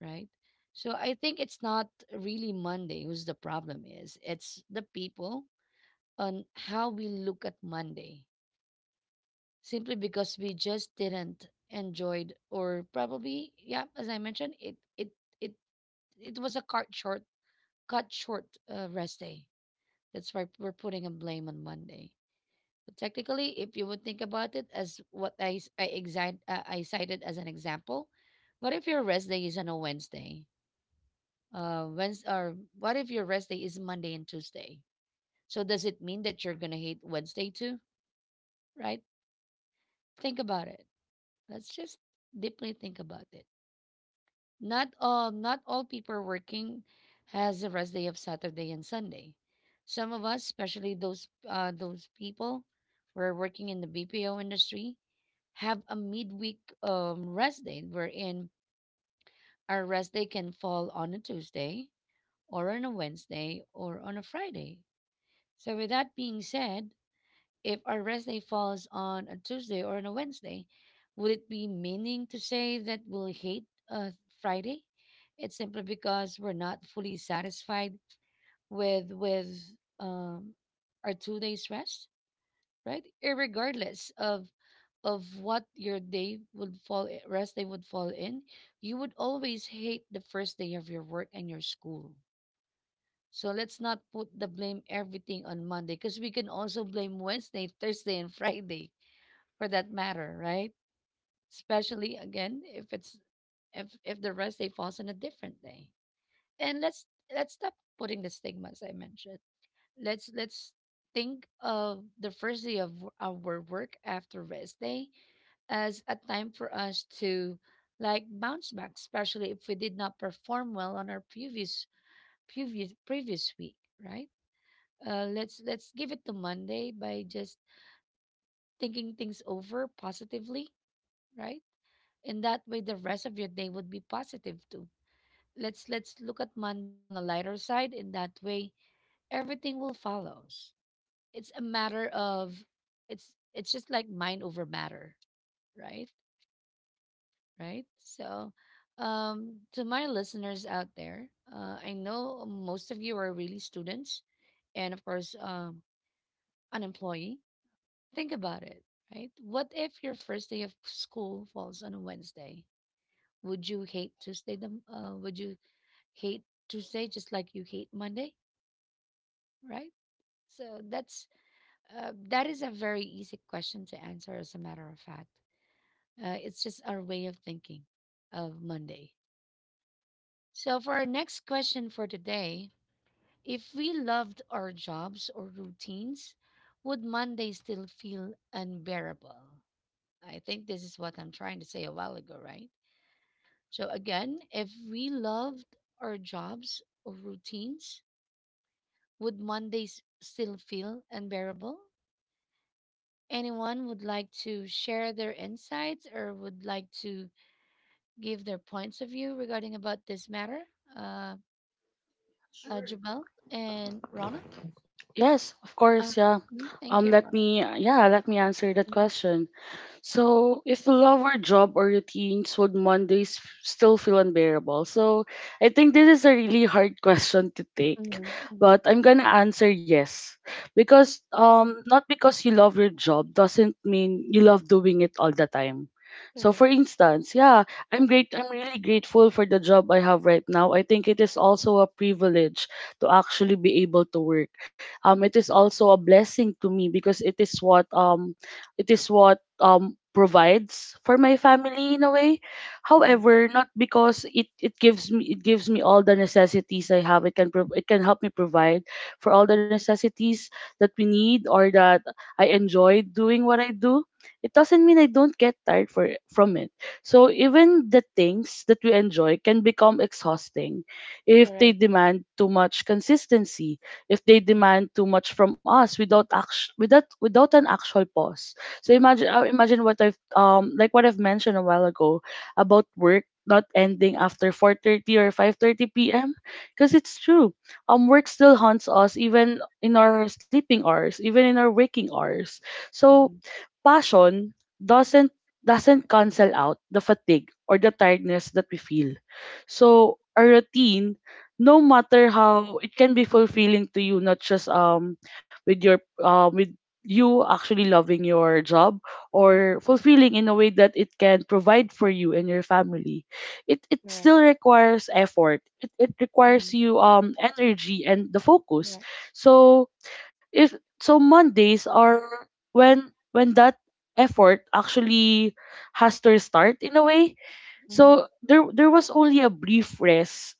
S1: right? So I think it's not really Monday who's the problem is. It's the people on how we look at Monday. Simply because we just didn't enjoyed or probably yeah as I mentioned it was a cut short rest day, that's why we're putting a blame on Monday. But technically if you would think about it, as what I s- I, exi- I cited as an example, what if your rest day is on a Wednesday? Wednesday or What if your rest day is Monday and Tuesday? So does it mean that you're gonna hate Wednesday too, right? Think about it. Let's just deeply think about it. Not all people working has a rest day of Saturday and Sunday. Some of us, especially those people who are working in the BPO industry, have a midweek rest day wherein our rest day can fall on a Tuesday or on a Wednesday or on a Friday. So with that being said, if our rest day falls on a Tuesday or on a Wednesday, would it be meaning to say that we'll hate uh, Friday? It's simply because we're not fully satisfied with um, our 2 days rest, right? Irregardless of what your day would fall rest day would fall in, you would always hate the first day of your work and your school. So let's not put the blame everything on Monday because we can also blame Wednesday, Thursday, and Friday for that matter, right? Especially again if it's if the rest day falls on a different day. And let's stop putting the stigma as I mentioned. Let's think of the first day of our work after rest day as a time for us to like bounce back, especially if we did not perform well on our previous previous week, right? Let's give it to Monday by just thinking things over positively, right? And that way the rest of your day would be positive too. Let's look at Monday on a lighter side. In that way everything will follows. It's a matter of, it's just like mind over matter, right? Right. So um, to my listeners out there, I know most of you are really students and of course an employee. Think about it, right? What if your first day of school falls on a Wednesday? Would you hate Tuesday would you hate Tuesday just like you hate Monday, right? So that's that is a very easy question to answer. As a matter of fact, it's just our way of thinking of Monday. So for our next question for today, if we loved our jobs or routines, would Monday still feel unbearable? I think this is what I'm trying to say a while ago, right? So again, if we loved our jobs or routines, would Mondays still feel unbearable? Anyone would like to share their insights or would like to give their points of view regarding about this matter? Uh,
S2: Sure.
S1: Jabal and Rana?
S2: Yes, of course,
S1: Uh,
S2: yeah.
S1: mhm, thank
S2: Um,
S1: you,
S2: let
S1: Rana.
S2: me, yeah, let me answer that question. So, if we love our job or routines, would Mondays still feel unbearable? So, I think this is a really hard [LAUGHS] question to take,
S1: Mm-hmm. Hmm.
S2: but I'm gonna answer yes, because not because you love your job doesn't mean you love doing it all the time. So,
S1: Correct.
S2: for instance, yeah, I'm great. I'm really grateful for the job I have right now. I think it is also a privilege to actually be able to work. It is also a blessing to me because it is what provides for my family in a way.
S1: Mm-hmm.
S2: However, not because it gives me all the necessities I have, it can help me provide for all the necessities that we need, or that I enjoy doing what I do, it doesn't mean I don't get tired for from it. So even the things that we enjoy can become exhausting if they
S1: Correct.
S2: demand too much consistency, if they
S1: Mm-hmm.
S2: demand too much from us without an actual pause. So imagine what I've like what I've mentioned a while ago about work not ending after 4:30 or 5:30 p.m., because it's true. Work still haunts us even in our sleeping hours, even in our waking hours. So passion doesn't doesn't cancel out the fatigue or the tiredness that we feel. So a routine, no matter how it can be fulfilling to you, not just with you actually loving your job, or fulfilling in a way that it can provide for you and your family, it
S1: Correct.
S2: still requires effort, it
S1: Mm-hmm.
S2: requires you energy and the focus.
S1: Correct.
S2: So if so Mondays are when that effort actually has to restart in a way.
S1: Mm-hmm.
S2: So there was only a brief rest.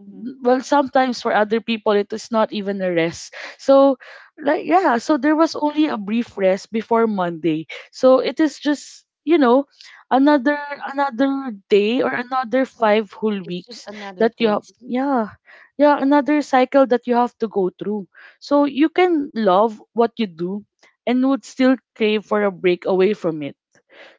S1: Mm-hmm.
S2: Well, sometimes for other people it is not even a rest. So, like, yeah, so there was only a brief rest before Monday, so it is just another another day or another five whole
S1: It's just
S2: weeks
S1: another
S2: that you have.
S1: phase.
S2: Yeah, yeah, another cycle that you have to go through. So you can love what you do and would still crave for a break away from it.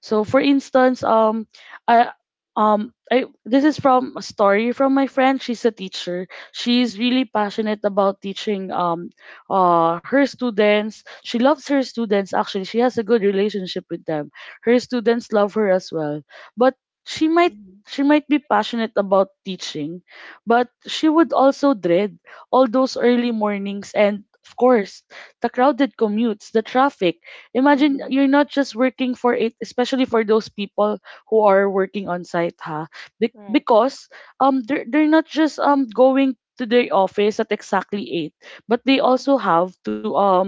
S2: So
S1: Mm-hmm.
S2: for instance, I I this is from a story from my friend. She's a teacher. She's really passionate about teaching her students. She loves her students actually. She has a good relationship with them. Her students love her as well. But she might
S1: Mm-hmm.
S2: she might be passionate about teaching, but she would also dread all those early mornings, and of course the crowded commutes, the traffic. Imagine
S1: Mm-hmm.
S2: you're not just working for it, especially for those people who are working on site, ha? Be-
S1: Correct.
S2: because um, they're not just going to their office at exactly 8, but they also have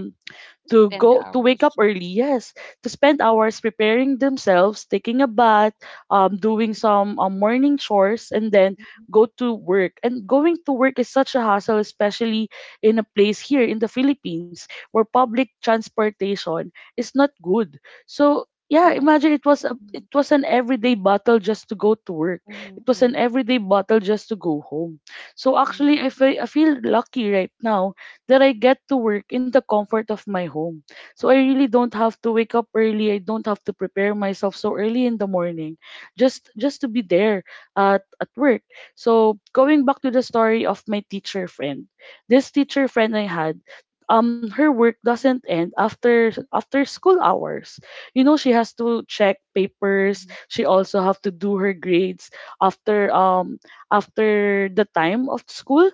S2: to
S1: It's
S2: go
S1: 10
S2: to wake up
S1: hours.
S2: early, yes, to spend hours preparing themselves, taking a bath, doing some morning chores, and then go to work. And going to work is such a hassle, especially in a place here in the Philippines, where public transportation is not good. So yeah,
S1: Correct.
S2: imagine, it was a,
S1: Mm-hmm.
S2: it was an everyday battle just to go to work. It was an
S1: Mm-hmm.
S2: everyday battle just to go home. So
S1: Mm-hmm.
S2: actually, I feel lucky right now that I get to work in the comfort of my home. So I really don't have to wake up early. I don't have to prepare myself so early in the morning, just to be there at work. So going back to the story of my teacher friend. This teacher friend I had, her work doesn't end after school hours. She has to check papers,
S1: Mm-hmm.
S2: she also have to do her grades after um after the time of school,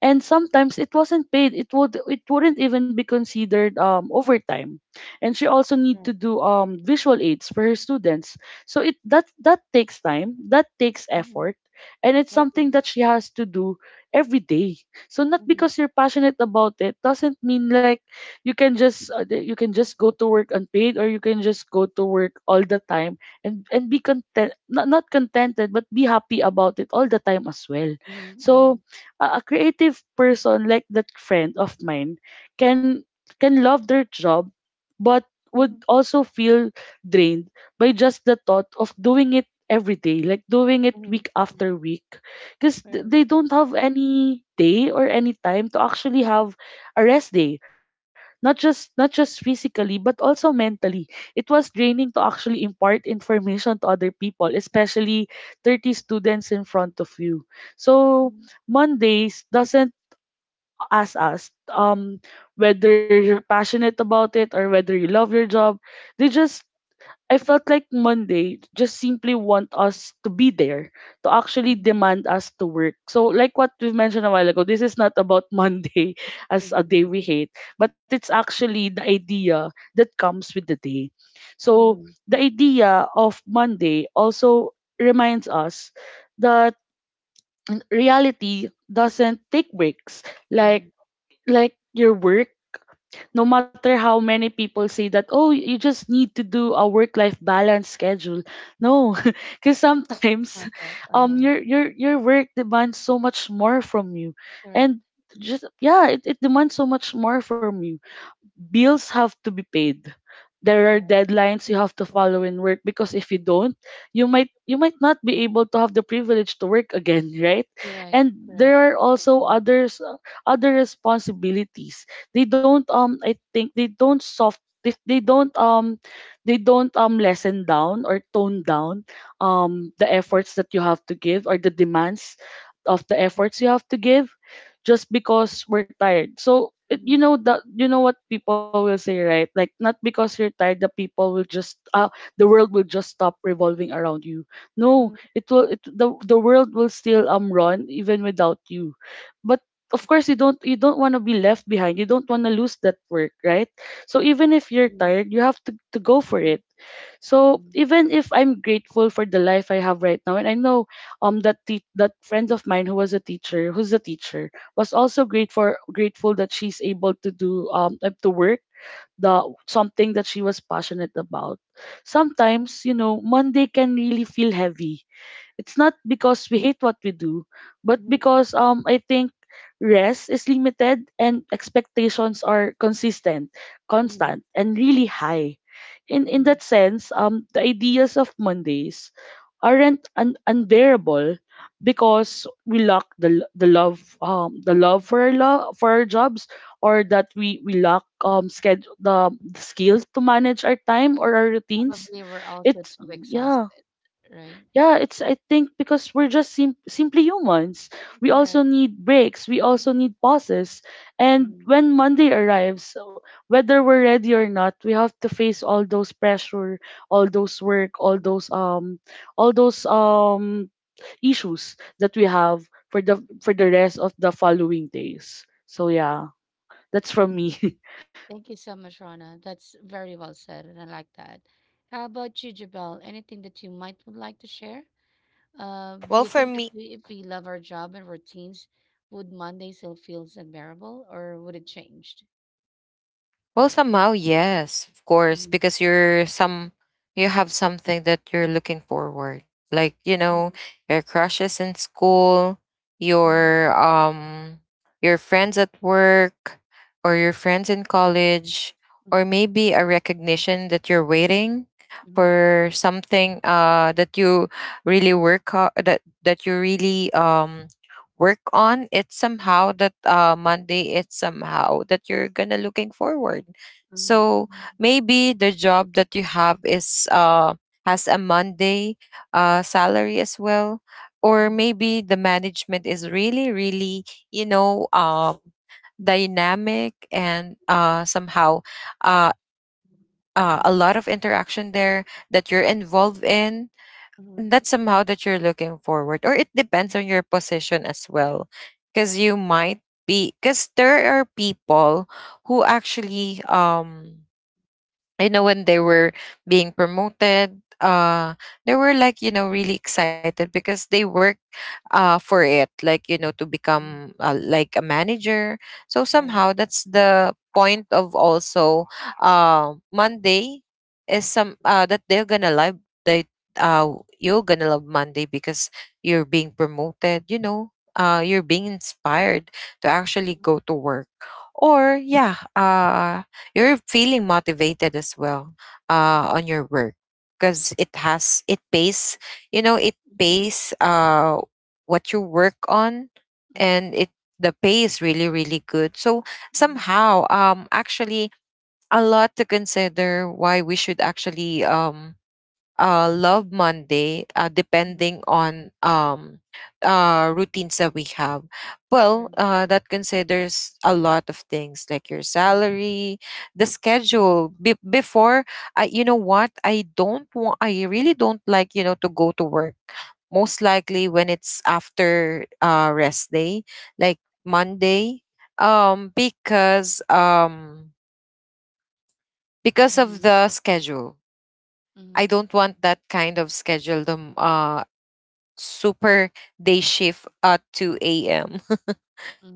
S2: and sometimes it wasn't paid, it wouldn't even be considered overtime, and she also need to do visual aids for her students. So it that that takes time, that takes
S1: Mhm.
S2: effort, and it's
S1: Agree.
S2: something that she has to do every day. So not
S1: Mhm.
S2: because you're passionate about it doesn't mean like you can just go to work unpaid, or you can just go to work all the time, and be content, not, not contented, but be happy about it all the time as well.
S1: Mhm. Mhm.
S2: So a creative person like that friend of mine can can love their job, but would
S1: Mhm.
S2: also feel drained by just the thought of doing it every day, like doing it
S1: Mhm.
S2: week
S1: Mhm.
S2: after week, because
S1: Right.
S2: they don't have any day or any time to actually have a rest day, not just physically but also mentally. It was draining to actually impart information to other people, especially 30 students in front of you. So
S1: Mhm.
S2: Mondays doesn't ask us whether you're passionate about it or whether you love your job. They just I felt like Monday just simply want us to be there, to actually
S1: Mhm.
S2: demand us to work. So, like what we mentioned a while ago, this is not about [LAUGHS] Monday as a
S1: Mhm.
S2: day we hate, but it's actually the idea that comes with the day. So
S1: Mhm.
S2: the idea of Monday also reminds us that reality doesn't take breaks, like
S1: Mhm.
S2: like your work. No matter how many people say that, oh, you just need to do a work life balance schedule, no, [LAUGHS] because
S1: It's
S2: sometimes
S1: not that. Uh-huh.
S2: your work demands so much more from you,
S1: Correct.
S2: and just, yeah, it demands so much more from you. Bills have to be paid. There are
S1: Correct.
S2: deadlines you have to follow in work, because if you don't, you might not be able to have the privilege to work again, [LAUGHS] right?
S1: Correct.
S2: And
S1: Correct.
S2: there are
S1: Agree.
S2: also other responsibilities. They don't I think they, they don't um they don't lessen down or tone down the efforts that you have to give, or the demands of the efforts you have to give, just because we're tired. So it, you
S1: Mhm.
S2: know that you know what people will say, right? Like, not because you're tired, the world will just stop revolving around you. No,
S1: Mhm.
S2: it will it the world will still run even without you. But of course you don't want to be left behind. You don't want to lose that work, right? So even if you're
S1: Mhm.
S2: tired, you have to go for
S1: Mhm.
S2: it. So
S1: Mhm.
S2: even if I'm grateful for the life I have right now, and I know that friend of mine who was a teacher, who's a teacher, was also grateful that she's able to do to work the something that she was passionate about. Sometimes Monday can really feel heavy. It's not because we hate what we do, but
S1: Mhm.
S2: because I think rest is limited and expectations are consistent,
S1: Mhm.
S2: constant, and really high. In
S1: Mhm.
S2: that sense, the ideas of Mondays aren't unbearable because we lack the l- the love for our jobs, or that we lack the skills to manage our time or our routines.
S1: Probably we're also
S2: It's
S1: too
S2: yeah
S1: exhausted, right?
S2: yeah, it's I think because we're just simply humans. We
S1: Correct.
S2: also need breaks, we also need pauses. And
S1: Mhm.
S2: when Monday arrives, so whether we're ready or not, we have to face all those pressure, all those work
S1: Mhm.
S2: all those issues that we have for the rest of the following days. So yeah, that's from me. [LAUGHS]
S1: Thank you so much, Rana. That's very well said, and I like that. How about you, Jabel? Anything that you might would like to share? Do you
S3: Well,
S1: think that
S3: for me,
S1: we, if we love our job and routines, would Monday still feels unbearable, or would it change?
S3: well, somehow, yes, of course,
S1: Mm-hmm.
S3: because you have something that you're looking forward. Like you know,
S1: Mhm,
S3: your crushes in school,
S1: mhm,
S3: your um, your friends at work, or your friends in college, or
S1: mhm,
S3: maybe a recognition that you're waiting
S1: mhm,
S3: for something that you really work ho- that that you really work on. It's somehow that Monday, it's somehow that you're gonna looking forward.
S1: mhm,
S3: So maybe the job that you have is has a Monday salary as well, or
S1: mhm,
S3: maybe the management is really really, you know, dynamic and somehow, uh,
S1: mhm,
S3: a lot of interaction there that you're
S1: mhm,
S3: involved in,
S1: mhm,
S3: and that's somehow that you're looking forward. Or it depends
S1: mhm.
S3: on your position as well, because
S1: Right.
S3: you might be, because there are people who actually you know, when they were being promoted, they were like, you know, really excited because they worked for it, like, you know, to
S1: Mhm.
S3: become like a manager. So
S1: Right.
S3: somehow that's the point of also Monday is some that they're gonna love. They uh you're gonna love Monday because you're being promoted, you know, you're being inspired to actually
S1: Mhm.
S3: go to work. Or yeah, you're feeling motivated as well
S1: Okay.
S3: on your work, because it pays, you know, it
S1: Mhm,
S3: pays what you work on,
S1: mhm,
S3: and it the pay is really really good. So
S1: mhm,
S3: somehow actually a lot to consider why we should actually love Monday,
S1: mhm.
S3: depending on routines that we have. Well,
S1: Correct.
S3: that considers a lot of things like your
S1: Mhm,
S3: salary, the
S1: mhm,
S3: schedule. Before, you know what? I don't want. I really don't like, you know, to go to work. Most likely when it's after rest day, like Monday, um, because um, because of
S1: mhm,
S3: the schedule. I
S1: mhm,
S3: don't want that kind of schedule. Super day shift at 2 a.m.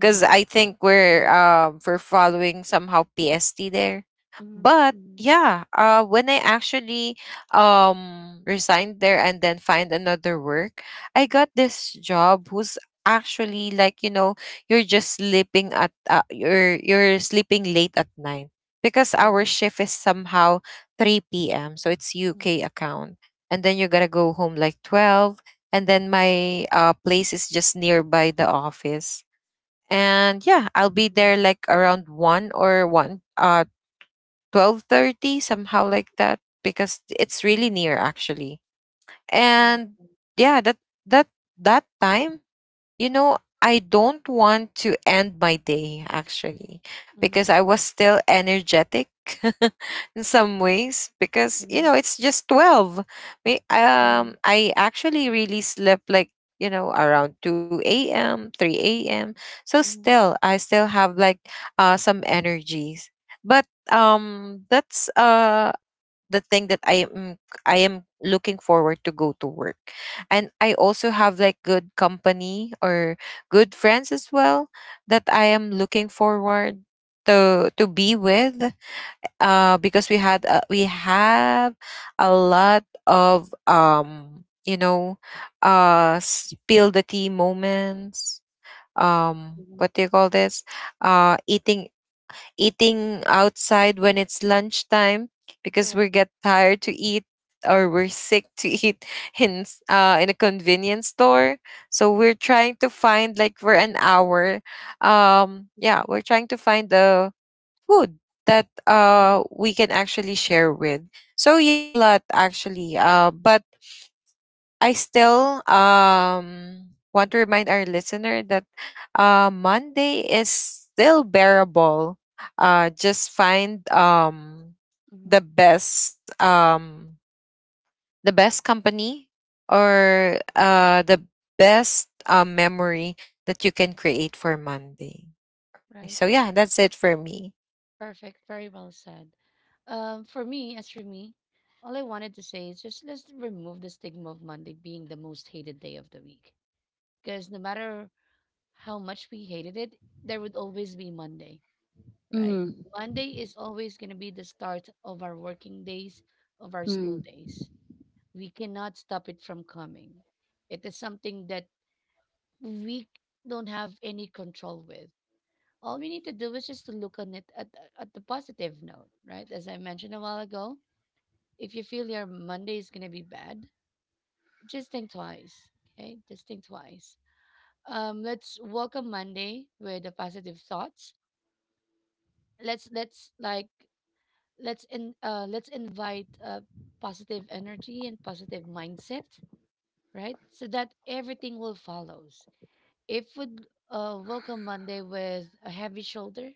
S3: because I think
S1: Right to work.
S3: we're following somehow PST there.
S1: Mhm,
S3: But
S1: mhm,
S3: yeah, when I actually resigned there and then find another work, I got this job who's actually like you know, you're just sleeping at you're sleeping late at night because our
S1: mhm,
S3: shift is somehow 3 p.m. So it's
S1: mhm,
S3: UK account, and then you gotta go home like 12, and then my place is just nearby the office, and yeah, I'll be there
S1: mhm,
S3: like around 1 or 1 uh 12:30 somehow like that because it's really
S1: mhm.
S3: near actually.
S1: Correct.
S3: And yeah, that that time, you know, I don't want to end my day actually because
S1: Mhm,
S3: I was still energetic [LAUGHS] in some ways because you know
S1: mhm,
S3: it's just 12. Me
S1: mhm,
S3: I actually really slept like, you know, around 2 a.m., 3 a.m. So
S1: mhm,
S3: still I still have like some energies. But that's the thing that I am looking forward to go to work. And I also have like good company or good friends as well that I am looking forward to be with, because we have a lot of you know, spill the tea moments,
S1: mhm.
S3: what do you call this, uh eating eating outside when it's lunchtime because
S1: Correct.
S3: we get tired to eat or we're sick to eat [LAUGHS]
S1: Mhm,
S3: in a convenience store. So
S1: mhm,
S3: we're trying to find like for an hour,
S1: mhm.
S3: yeah, we're trying to find the food that
S1: Mm-hmm.
S3: we can actually share with. So yeah, a lot actually. But I still want to remind our listener that Monday is still bearable. Just find
S1: Mm-hmm.
S3: the best, the best company or the best memory that you can create for Monday.
S1: Right.
S3: So yeah, that's it for me.
S1: Perfect. Very well said. For me, as for me, all I wanted to say is just let's remove the stigma of Monday being the most hated day of the week. Because no matter how much we hated it, there would always be Monday, right?
S2: Mm.
S1: Monday is always going to be the start of our working days, of our
S2: Mm.
S1: school days. We cannot stop it from coming. It is something that we don't have any control with. All we need to do is just to look on it at the positive note, right? As I mentioned a while ago, if you feel your Monday is going to be bad, just think twice, okay? Just think twice. Let's welcome Monday with the positive thoughts. Let's like let's in Let's invite positive energy and positive mindset, right? So that everything will follows. If we welcome Monday with a heavy shoulder,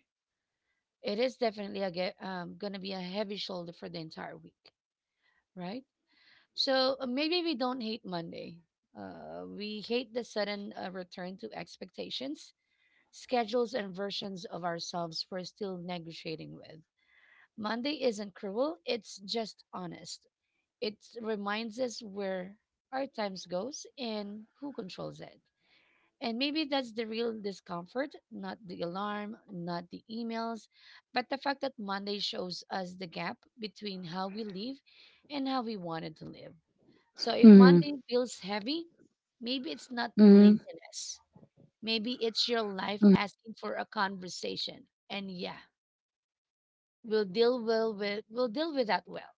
S1: it is definitely a gonna be a heavy shoulder for the entire week, right? So maybe we don't hate Monday. We hate the sudden return to expectations, schedules, and versions of ourselves we're still negotiating with. Monday isn't cruel; it's just honest. It reminds us where our times goes and who controls it. And maybe that's the real discomfort, not the alarm, not the emails, but the fact that Monday shows us the gap between how we live and how we wanted to live. So if
S2: Mm.
S1: Monday feels heavy, maybe it's not
S2: Mm.
S1: laziness. Maybe it's your life
S2: Mm.
S1: asking for a conversation. And yeah, we'll deal with that well.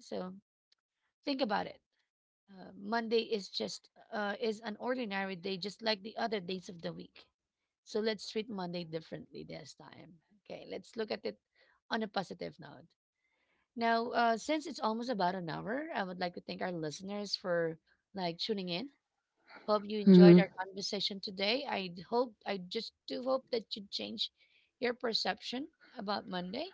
S1: So think about it. Monday is just is an ordinary day, just like the other days of the week. So let's treat Monday differently this time. Okay, let's look at it on a positive note. Now, since it's almost about an hour, I would like to thank our listeners for like tuning in. Hope you enjoyed
S2: Mm.
S1: our conversation today. I just do hope that you change your perception about Monday.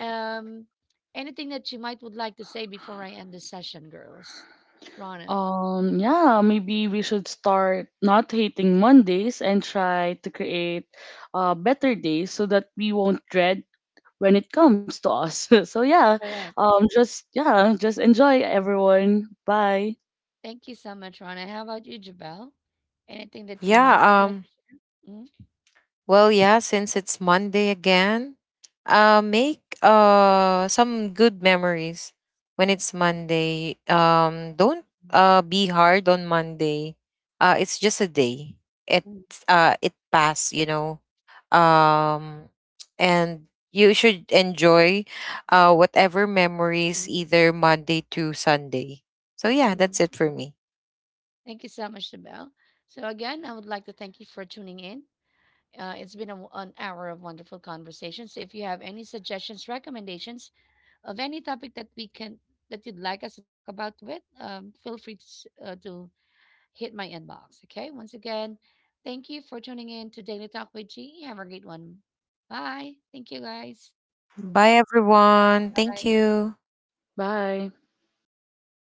S1: Um, anything that you might would like to say before I end the session, girls? Rana,
S2: Yeah, maybe we should start not hating Mondays and try to create better days so that we won't dread when it comes to us. [LAUGHS] So yeah,
S1: correct.
S2: just enjoy everyone. Bye.
S1: Thank you so much, Rana. How about you, Jabel? Anything that you might would
S3: Yeah,
S1: like
S3: um
S1: to share? Mhm.
S3: well, yeah, since it's Monday again, make some good memories when it's
S1: Correct.
S3: Monday. Don't be hard on Monday. It's just a day. It
S1: Mhm,
S3: uh it passed, you know. Um, and you should enjoy whatever memories
S1: mhm,
S3: either Monday to Sunday. So yeah, that's it
S1: mhm.
S3: for me.
S1: Thank you so much, Jabel. So again, I would like to thank you for tuning in. It's been a w an hour of wonderful conversations. If you have any suggestions, recommendations of any topic that we can that you'd like us to talk about with, feel free to, to hit my inbox. Okay. Once again, thank you for tuning in to Daily Talk with G. Have a great one. Bye. Thank you, guys.
S3: Bye everyone. Thank
S1: Bye.
S3: you.
S2: Bye.